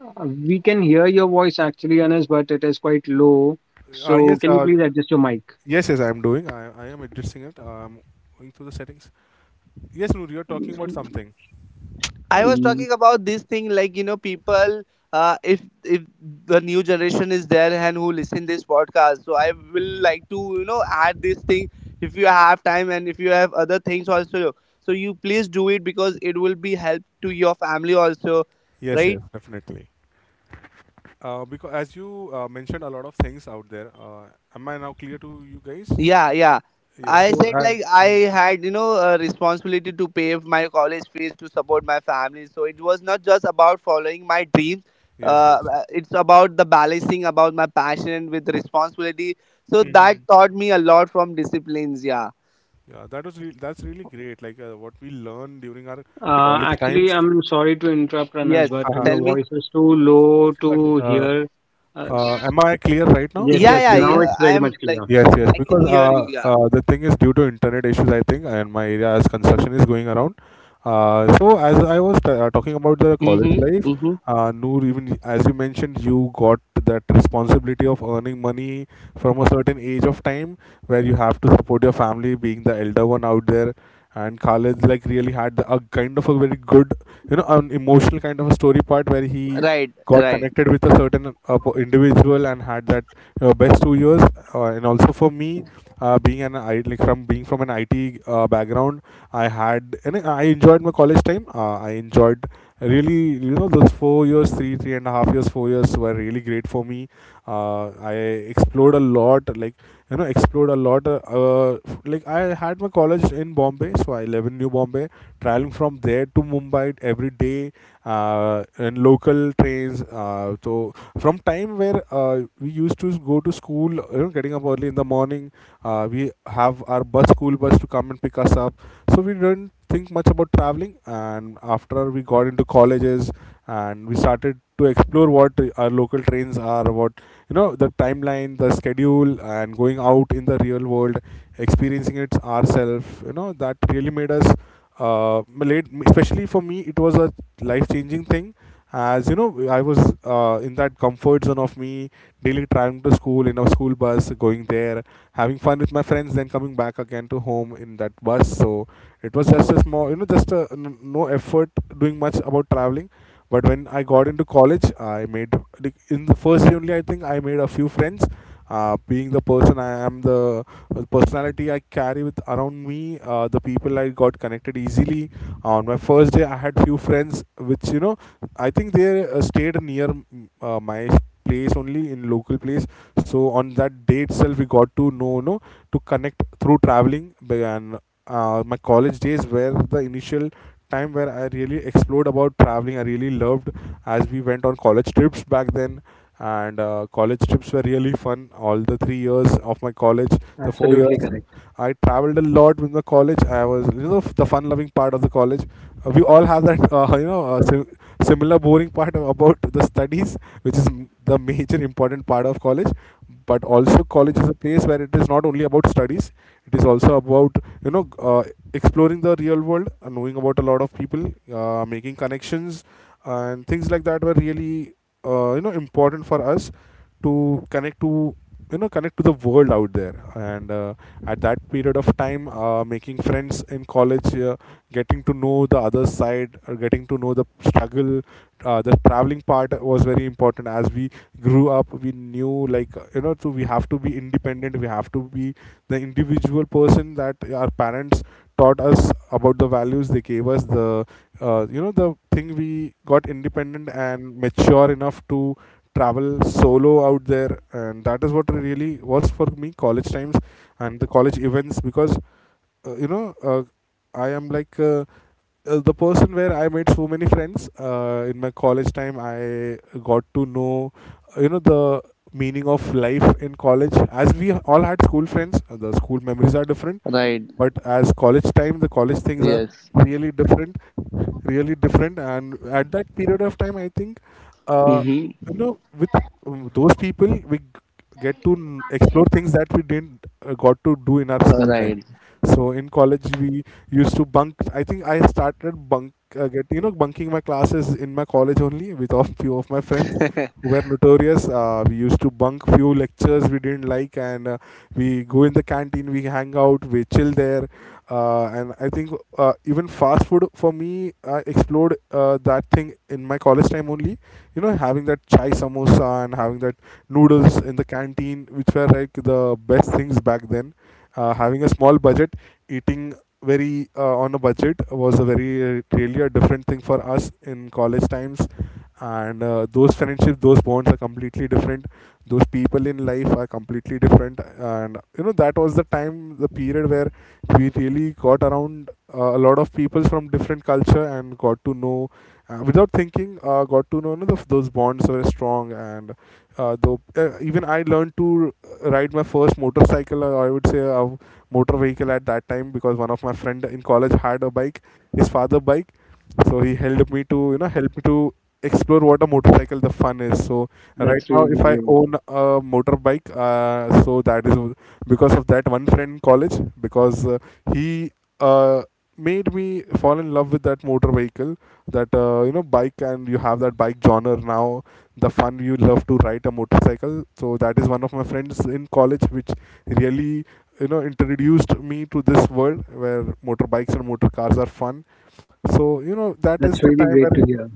we can hear your voice actually, Anas, but it is quite low.
Uh,
So,
yes,
can you
uh,
please adjust your mic?
Yes, yes, I am doing. I am adjusting it. I am going through the settings. Yes, Noor, you are talking about
Mm,
something.
I was talking about this thing, like, you know, people. If the new generation is there and who listen this podcast, so I will like to,
Hmm.
you know, add this thing. If you have time and if you have other things also, so you please do it because it will be help to your family also,
Yes, yes,
right?
definitely. Because as you mentioned, a lot of things out there. Am I now clear to you guys?
Yeah, yeah.
Yes.
I
So
said
as
like I
hmm
had, you know, a responsibility to pay my college fees to support my family. So it was not just about following my dreams.
yes, yes.
It's about the balancing about my passion with responsibility. So that
Hmm.
taught me a lot from disciplines. Yeah.
Yeah, that was that's really great. Like what we learned during our college
Actually,
times.
I'm sorry to interrupt, Anas,
Yes.
but
Uh-huh.
your
Tell me.
voice is too low
So,
to
Uh,
hear. Uh, s-
am I clear right now?
yes,
Am
Yeah,
I
yes,
yeah.
clear
now
now?
it's
yeah. I
very much
am like,
clear.
Yes, yes,
I can
because
hear you. Yeah.
the thing is due to internet issues, I think, and my area as construction is going around. So as I was talking about the college
Mhm.
life,
Mhm.
Noor, even as you mentioned, you got that responsibility of earning money from a certain age of time, where you have to support your family, being the elder one out there. And Khalid like really had the, a kind of a very good, you know, an emotional kind of a story part, where he
Right.
got
Right.
connected with a certain individual and had that best 2 years, and also for me, being an I, like from being from an IT background, I had and I enjoyed my college time. Uh, I enjoyed really, you know, those 4 years, 3.5 years, 4 years were really great for me. Uh, I explored a lot. Like, you know, explored a lot, like I had my college in Bombay, so I live in New Bombay, traveling from there to Mumbai every day, and local trains. So from time where we used to go to school, you know, getting up early in the morning, we have our bus, school bus, to come and pick us up. So we didn't think much about traveling. And after we got into colleges and we started to explore what our local trains are, what, you know, the timeline, the schedule, and going out in the real world, experiencing it ourselves, you know, that really made us, made, especially for me, it was a life changing thing. As you know, I was in that comfort zone of me daily traveling to school in a school bus, going there, having fun with my friends, then coming back again to home in that bus. So it was just a small, you know, just a, no effort doing much about traveling. But when I got into college, I made, like in the first year only. I think I made a few friends. Being the person I am, the personality I carry with around me, the people I got connected easily. On my first day, I had few friends, which, you know, I think they stayed near my place only, in local place. So on that day itself, we got to know, no, to connect through traveling. And my college days were the initial time where I really explored about traveling. I really loved, as we went on college trips back then, and college trips were really fun. All the 3 years of my college, the four
Absolutely
years,
correct.
I traveled a lot with my college. I was, you know, the fun-loving part of the college. We all have that, you know, similar boring part about the studies, which is the major important part of college. But also, college is a place where it is not only about studies, it is also about uh, exploring the real world, knowing about a lot of people, making connections and things like that were really, you know, important for us to connect to, you know, connect to the world out there. And At that period of time, making friends in college, getting to know the other side, getting to know the struggle, the traveling part was very important. As we grew up, we knew like, you know, so we have to be independent, we have to be the individual person that our parents taught us about. The values they gave us, the, you know, the thing, we got independent and mature enough to travel solo out there. And that is what really was for me college times and the college events. Because, uh, you know uh, I am like the person where I made so many friends. In my college time, I got to know, you know, the meaning of life in college, as we all had school friends. The school memories are different,
Right.
but as college time, the college things are
Yes.
really different, really different. And at that period of time, I think, uh,
Mhm.
you know, with, those people, we explore things that we didn't, got to do in our school time.
Right.
So in college, we used to bunk. I think I started bunking my classes in my college only with a few of my friends who were notorious. We used to bunk few lectures we didn't like, and we go in the canteen, we hang out, we chill there. And I think, even fast food for me, I explored, that thing in my college time only. You know, having that chai samosa and having that noodles in the canteen, which were like the best things back then. Having a small budget, eating very, on a budget was a very, really a different thing for us in college times. And those friendships, those bonds are completely different, those people in life are completely different. And you know, that was the time, the period where we really got around, a lot of people from different culture and got to know, without thinking, got to know, you know, the, those bonds were strong. And uh, though uh, even I learned to ride my first motorcycle, or I would say a motor vehicle at that time, because one of my friend in college had a bike, his father bike. So he helped me to, you know, help me to explore what a motorcycle the fun is. So right
That's
now,
really
if I
great.
own a motorbike, so that is because of that one friend in college. Because uh, he uh, made me fall in love with that motor vehicle, that, you know, bike. And you have that bike genre now, the fun, you love to ride a motorcycle. So that is one of my friends in college which really, you know, introduced me to this world where motorbikes and motor cars are fun. So you know, that is
That's
the
really
time where,
great to hear.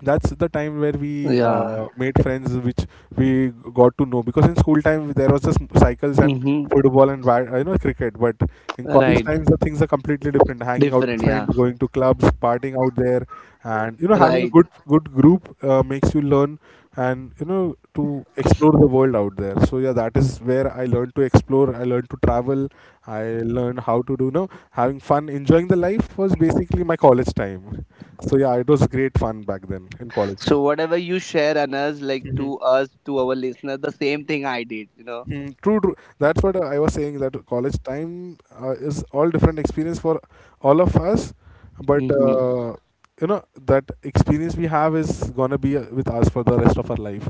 that's the time where we
Yeah.
made friends which we got to know. Because in school time there was just cycles and
Mm-hmm.
football and bat, you know, cricket. But in college
Right.
times the things are completely different, hanging out with
Different, yeah.
friends, going to clubs, partying out there. And you know, having a
Right.
good good group, makes you learn, and you know, to explore the world out there. So yeah, that is where I learned to explore, I learned to travel, I learned how to, do you know, having fun, enjoying the life was basically my college time. So yeah, it was great fun back then in college.
So whatever you share on us, like
Hmm.
to us, to our listeners, the same thing I did, you know.
Hmm. True, true. That's what I was saying, that college time, is all different experience for all of us. but
Mm-hmm.
uh, you know that experience we have is gonna be, with us for the rest of our life.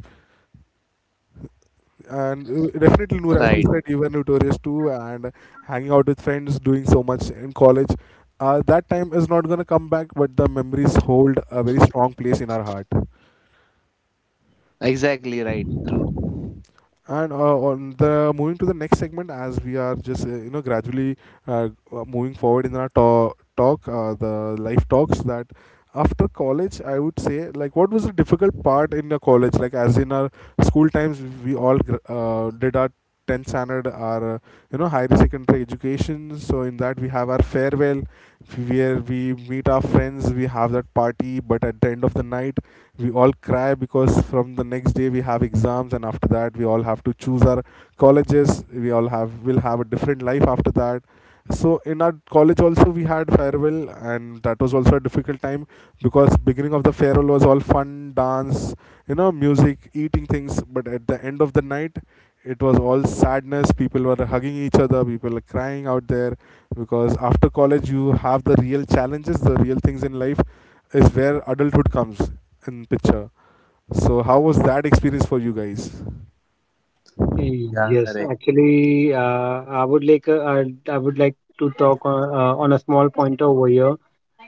And definitely, Noor, as you
Right.
said, you were notorious too, and hanging out with friends, doing so much in college. That time is not gonna come back, but the memories hold a very strong place in our heart.
Exactly right. True.
And on the moving to the next segment, as we are just, you know, gradually, moving forward in our talk, the life talks, that after college, I would say, like, what was the difficult part in the college? Like as in our school times, we all did our 10th standard, our you know, higher secondary education. So in that we have our farewell, where we meet our friends, we have that party. But at the end of the night, we all cry, because from the next day we have exams, and after that we all have to choose our colleges, we all have, will have a different life after that. So in our college also we had farewell, and that was also a difficult time. Because beginning of the farewell was all fun, dance, you know, music, eating things, but at the end of the night it was all sadness. People were hugging each other, people were crying out there. Because after college you have the real challenges, the real things in life is where adulthood comes in picture. So how was that experience for you guys?
Yeah,
Yes,
correct.
actually, I would like I would like to talk on a small point over here.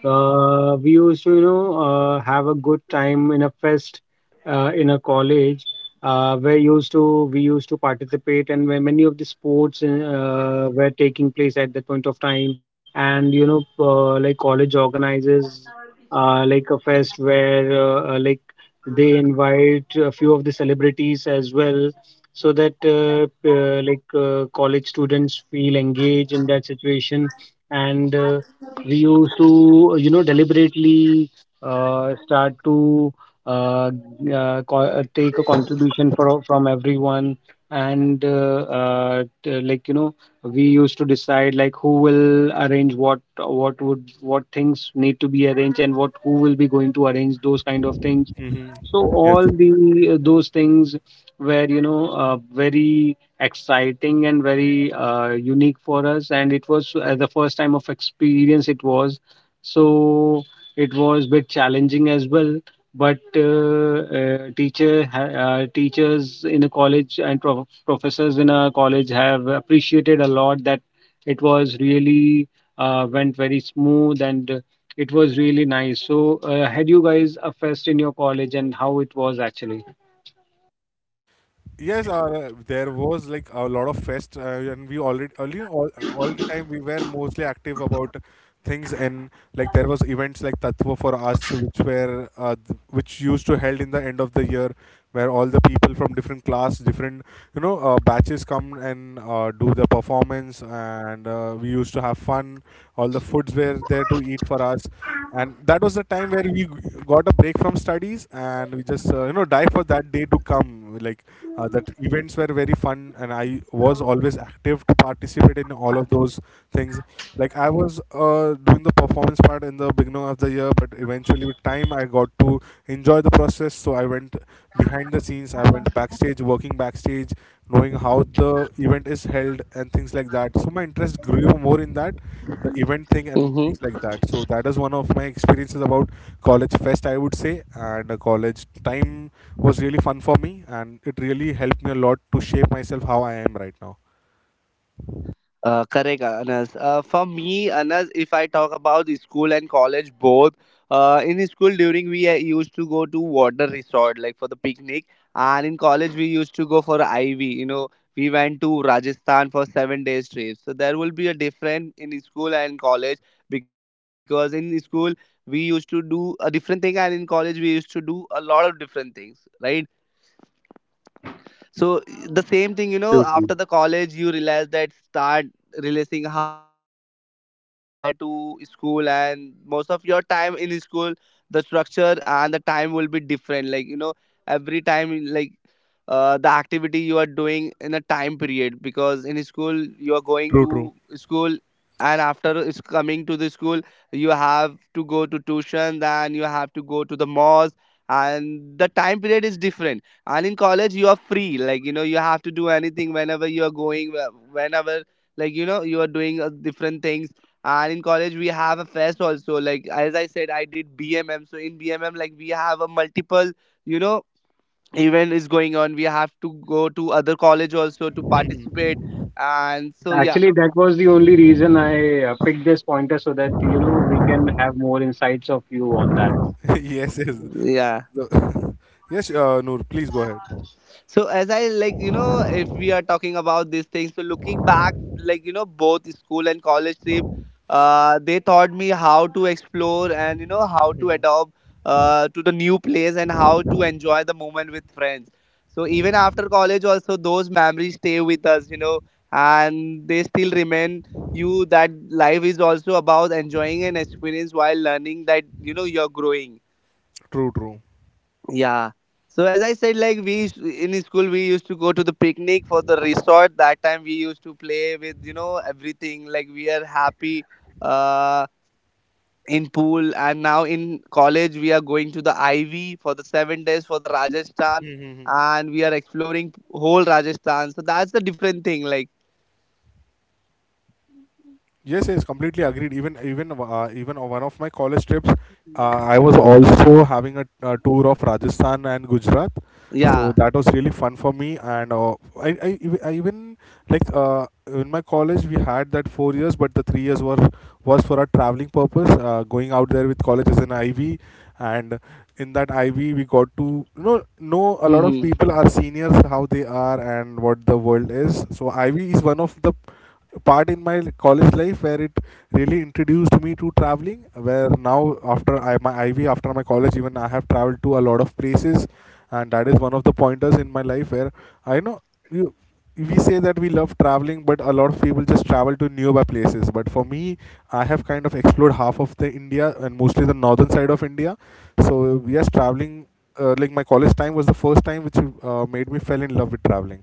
We used to, you know, have a good time in a fest in a college where used to we used to participate, and where many of the sports were taking place at that point of time. And you know, like college organizes like a fest where like they invite a few of the celebrities as well, so that like college students feel engaged in that situation. And. We used to, you know, deliberately start to uh, take a contribution from everyone. And like you know, we used to decide like who will arrange what would, what things need to be arranged, and what who will be going to arrange those kind of things.
Hmm.
So
Yes.
all the those things were, you know, very exciting and very unique for us, and it was the first time of experience it was. So it was a bit challenging as well. But teachers in a college and professors in a college have appreciated a lot that it was really went very smooth and it was really nice. So, had you guys a fest in your college and how it was actually?
Yes, there was like a lot of fest, and we already earlier all the time we were mostly active about things. And like there was events like Tatva for us, which were which used to held in the end of the year, where all the people from different class, different, you know, batches come and, do the performance, and, we used to have fun. All the foods were there to eat for us, and that was the time where we got a break from studies and we just, you know, die for that day to come. Like, that events were very fun, and I was always active to participate in all of those things. Like I was, doing the performance part in the beginning of the year, but eventually with time I got to enjoy the process. So I went behind the scenes, I went backstage, working backstage, knowing how the event is held and things like that. So my interest grew more in that, the event thing and things
Mm-hmm.
like that. So that is one of my experiences about college fest, I would say. And college time was really fun for me, and it really helped me a lot to shape myself how I am right now.
Correct, Anas. For me, Anas, if I talk about the school and college both, in school during we used to go to water resort like for the picnic, and in college we used to go for IV. You know, we went to Rajasthan for 7 days trip. So there will be a different in school and college, because in school we used to do a different thing, and in college we used to do a lot of different things, right? So the same thing, you know,
Absolutely.
after the college you realize, that start realizing how different life is compared to school. And most of your time in school, the structure and the time will be different, like, you know, every time like, the activity you are doing in a time period. Because in school you are going
True, true.
to school, and after is coming to the school, you have to go to tuition, then you have to go to the mosque. And the time period is different. And in college you are free, like, you know, you have to do anything whenever you are going, whenever, like, you know, you are doing different things. And in college we have a fest also, like as I said I did BMM. So in BMM, like we have a multiple, you know, event is going on, we have to go to other college also to participate. And
Yes,
so yeah.
actually, that was the only reason I picked this pointer so that you know we can have more insights of you on that.
Yes, yes.
Yeah.
The- yes, Noor, please go ahead.
So as I, like, you know, if we are talking about these things, so looking back, like, you know, both school and college trip, they taught me how to explore and, you know, how to
Hmm.
adopt to the new place and how to enjoy the moment with friends. So even after college also, those memories stay with us, you know. And they still remain, you, that life is also about enjoying an experience while learning, that, you know, you're growing.
True, true.
Yeah. So as I said, like we used, in school we used to go to the picnic for the resort. That time we used to play with, you know, everything. Like we are happy uh, in pool. And now in college we are going to the IV for the 7 days for the Rajasthan,
Hmm.
and we are exploring whole Rajasthan. So that's the different thing. Like,
Yes, yes, completely agreed. Even even on one of my college trips, uh, I was also having a, uh, tour of Rajasthan and Gujarat, so
yeah.
that was really fun for me. And uh, I even like, in my college we had that 4 years, but the three years were was for a traveling purpose, going out there with college as an IB. And in that IV we got to, you know a lot of
Mm-hmm.
people, our seniors, how they are and what the world is. So IV is one of the part in my college life where it really introduced me to traveling, where now after I, my IV, after my college, even I have traveled to a lot of places. And that is one of the pointers in my life where I know, you, we say that we love traveling, but a lot of people just travel to nearby places. But for me, I have kind of explored half of the India, and mostly the northern side of India. So yes, traveling, like my college time was the first time which, made me fell in love with traveling.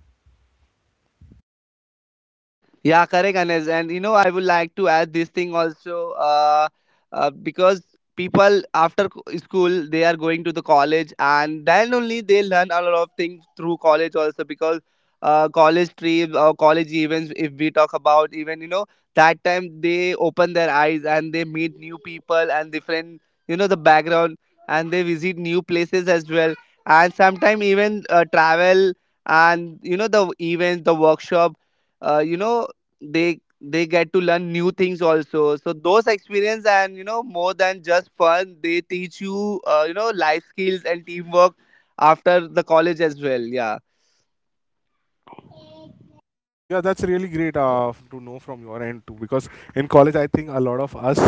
Yeah, correct, Anes. And you know, I would like to add this thing also, because people after school, they are going to the college, and then only they learn a lot of things through college also. Because college trips or college events, if we talk about, even, you know, that time they open their eyes and they meet new people and different, you know, the background, and they visit new places as well. And sometimes even travel, and, you know, the events, the workshop, you know, they get to learn new things also. So those experience, and you know, more than just fun, they teach you, you know, life skills and teamwork after the college as well. Yeah.
Yeah, that's really great, to know from your end too. Because in college, I think a lot of us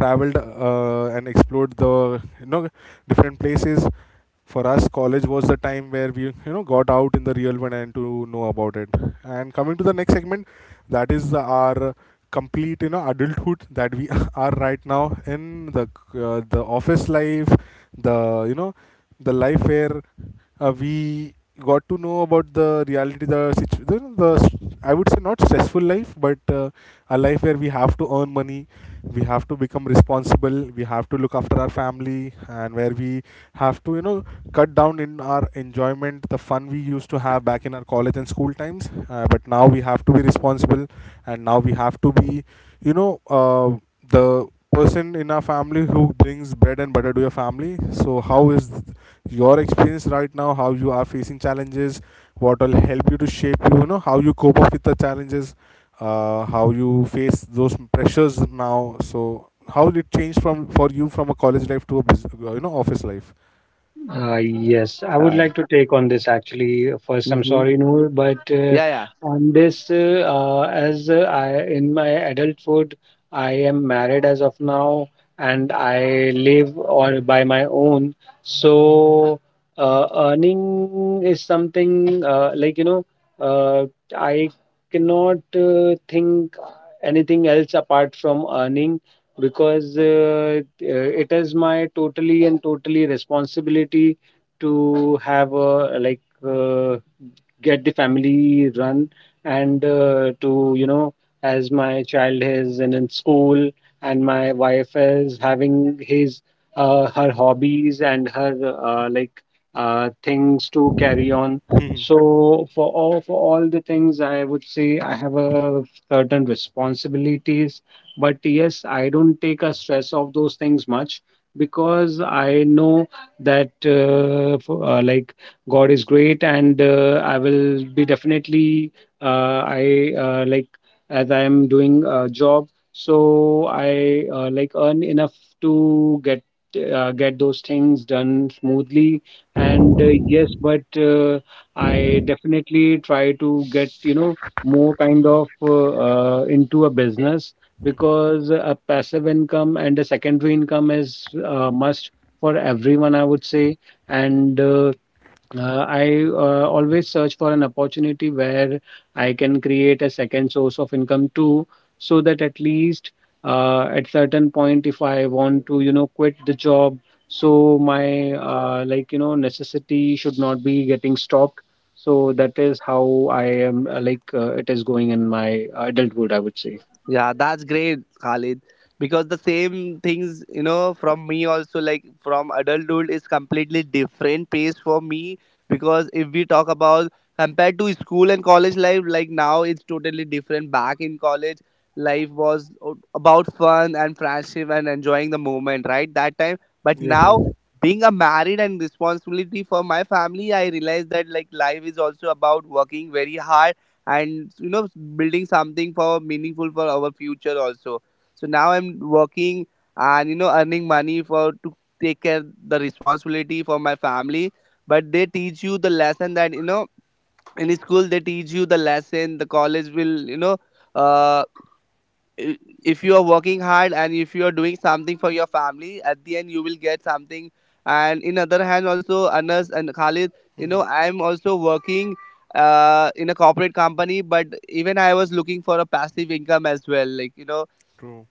traveled, and explored the, you know, different places. For us, college was the time where we, you know, got out in the real world and to know about it. And coming to the next segment, that is the, our complete, you know, adulthood that we are right now in the, the office life, the you know, the life where we got to know about the reality, the I would say not stressful life, but, a life where we have to earn money, we have to become responsible, we have to look after our family. And where we have to, you know, cut down in our enjoyment, the fun we used to have back in our college and school times. But now we have to be responsible, and now we have to be, you know, the person in our family who brings bread and butter to your family. So how is your experience right now, how you are facing challenges, what will help you to shape you, you know, how you cope up with the challenges, how you face those pressures now. So how did it change from for you from a college life to a you know, office life?
Yes, I would like
Yeah.
to take on this actually. First, I'm
Hmm.
sorry, Noor, but
Yeah, yeah.
on this, as I in my adulthood, I am married as of now, and I live or by my own. So, earning is something like you know, uh, I cannot think anything else apart from earning, because it is my totally and totally responsibility to have a like uh, get the family run and to you know, as my child is in school and my wife is having his her hobbies and her like things to carry on.
Mhm.
So for all the things I would say I have a certain responsibilities. But yes, I don't take a stress of those things much, because I know that like God is great, and I will be definitely I like as I am doing a job, so I like earn enough to get those things done smoothly. And yes, but I definitely try to get you know more kind of into a business,
Mhm.
because a passive income and a secondary income is a must for everyone, I would say. And I always search for an opportunity where I can create a second source of income too, so that at least at certain point, if I want to, you know, quit the job, so my like you know necessity should not be getting stopped. So
Mhm.
that is how I am like it is going in my adulthood, I would say.
Yeah, that's great, Khalid. Because the same things, you know, from me also, like from adulthood, is completely different pace for me. Because if we talk about compared to school and college life, like now it's totally different. Back in college, life was about fun and friendship and enjoying the moment, right? That time. But
Yes,
now,
yes.
being a married and responsibility for my family, I realized that, like, life is also about working very hard. And you know, building something for meaningful for our future also. So now I'm working, and you know, earning money for to take care the responsibility for my family. But they teach you the lesson that, you know, in school they teach you the lesson, the college will, you know, uh, i- if you are working hard and if you are doing something for your family, at the end you will get something. And in other hand also, Anas and Khalid, you know,
Mhm.
I am also working in a corporate company. But even I was looking for a passive income as well, like, you know.
True,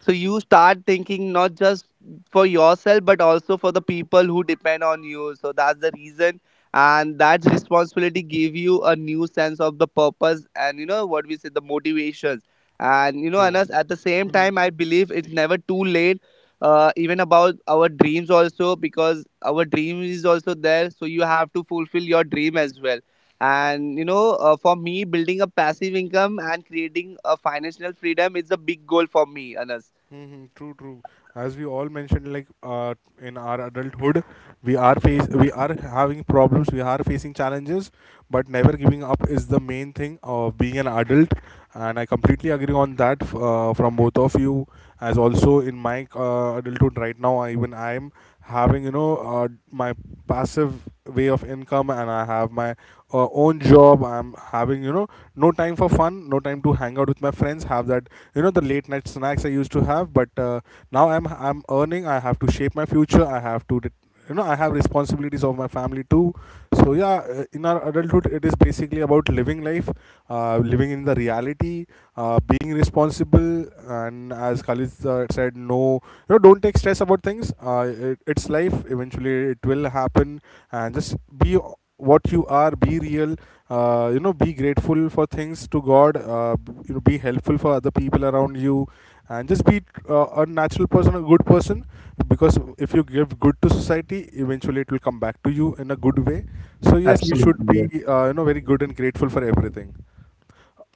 So you start thinking not just for yourself, but also for the people who depend on you. So that's the reason. And that responsibility give you a new sense of the purpose, and you know what we say, the motivations. And you know,
true.
Anas, at the same time
Mhm.
I believe it's never too late, even about our dreams also. Because our dream is also there, so you have to fulfill your dream as well. And you know, for me, building a passive income and creating a financial freedom is a big goal for me, Anas.
Mm-hmm, true, true. As we all mentioned, like, in our adulthood, we are face we are having problems, we are facing challenges, but never giving up is the main thing of being an adult. And I completely agree on that, from both of you. As also in my, adulthood right now, even I am having, you know, my passive way of income, and I have my, own job. I'm having, you know, no time for fun, no time to hang out with my friends, have that, you know, the late night snacks I used to have. But, now I'm earning. I have to shape my future. I have to. You know, I have responsibilities of my family too. So yeah, in our adulthood, it is basically about living life, living in the reality, being responsible. And as Khalid, said, no, you know, don't take stress about things. It's life. Eventually, it will happen, and just be what you are. Be real, you know, be grateful for things to God, you know, be helpful for other people around you, and just be, a natural person, a good person. Because if you give good to society, eventually it will come back to you in a good way. So yes, we should be,
Absolutely.
you know, very good and grateful for everything.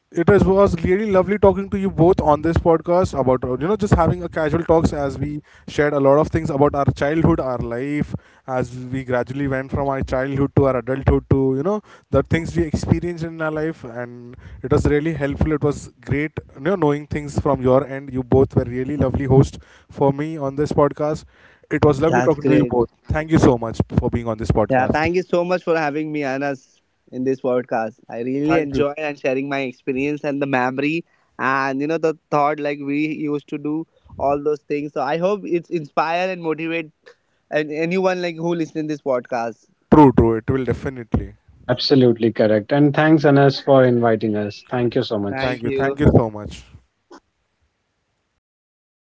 It is, was really lovely talking to you both on this podcast, about, you know, just having a casual talks, as we shared a lot of things about our childhood, our life, as we gradually went from our childhood to our adulthood, to, you know, the things we experienced in our life. And it was really helpful. It was great, you know, knowing things from your end. You both were really lovely hosts for me on this podcast. It was lovely
That's
talking to you
great.
both. Thank you so much for being on this
Yeah,
podcast.
thank you so much for having me, Anas, in this podcast. I really
Thank you.
enjoy and sharing my experience and the memory, and you know, the thought like we used to do all those things. So I hope it's inspire and motivate and anyone like who listen this podcast.
True, true. It will definitely.
Absolutely correct. And thanks, Anas, for inviting us. Thank you so much.
Thank
Thank
you. Thank
you.
you so much.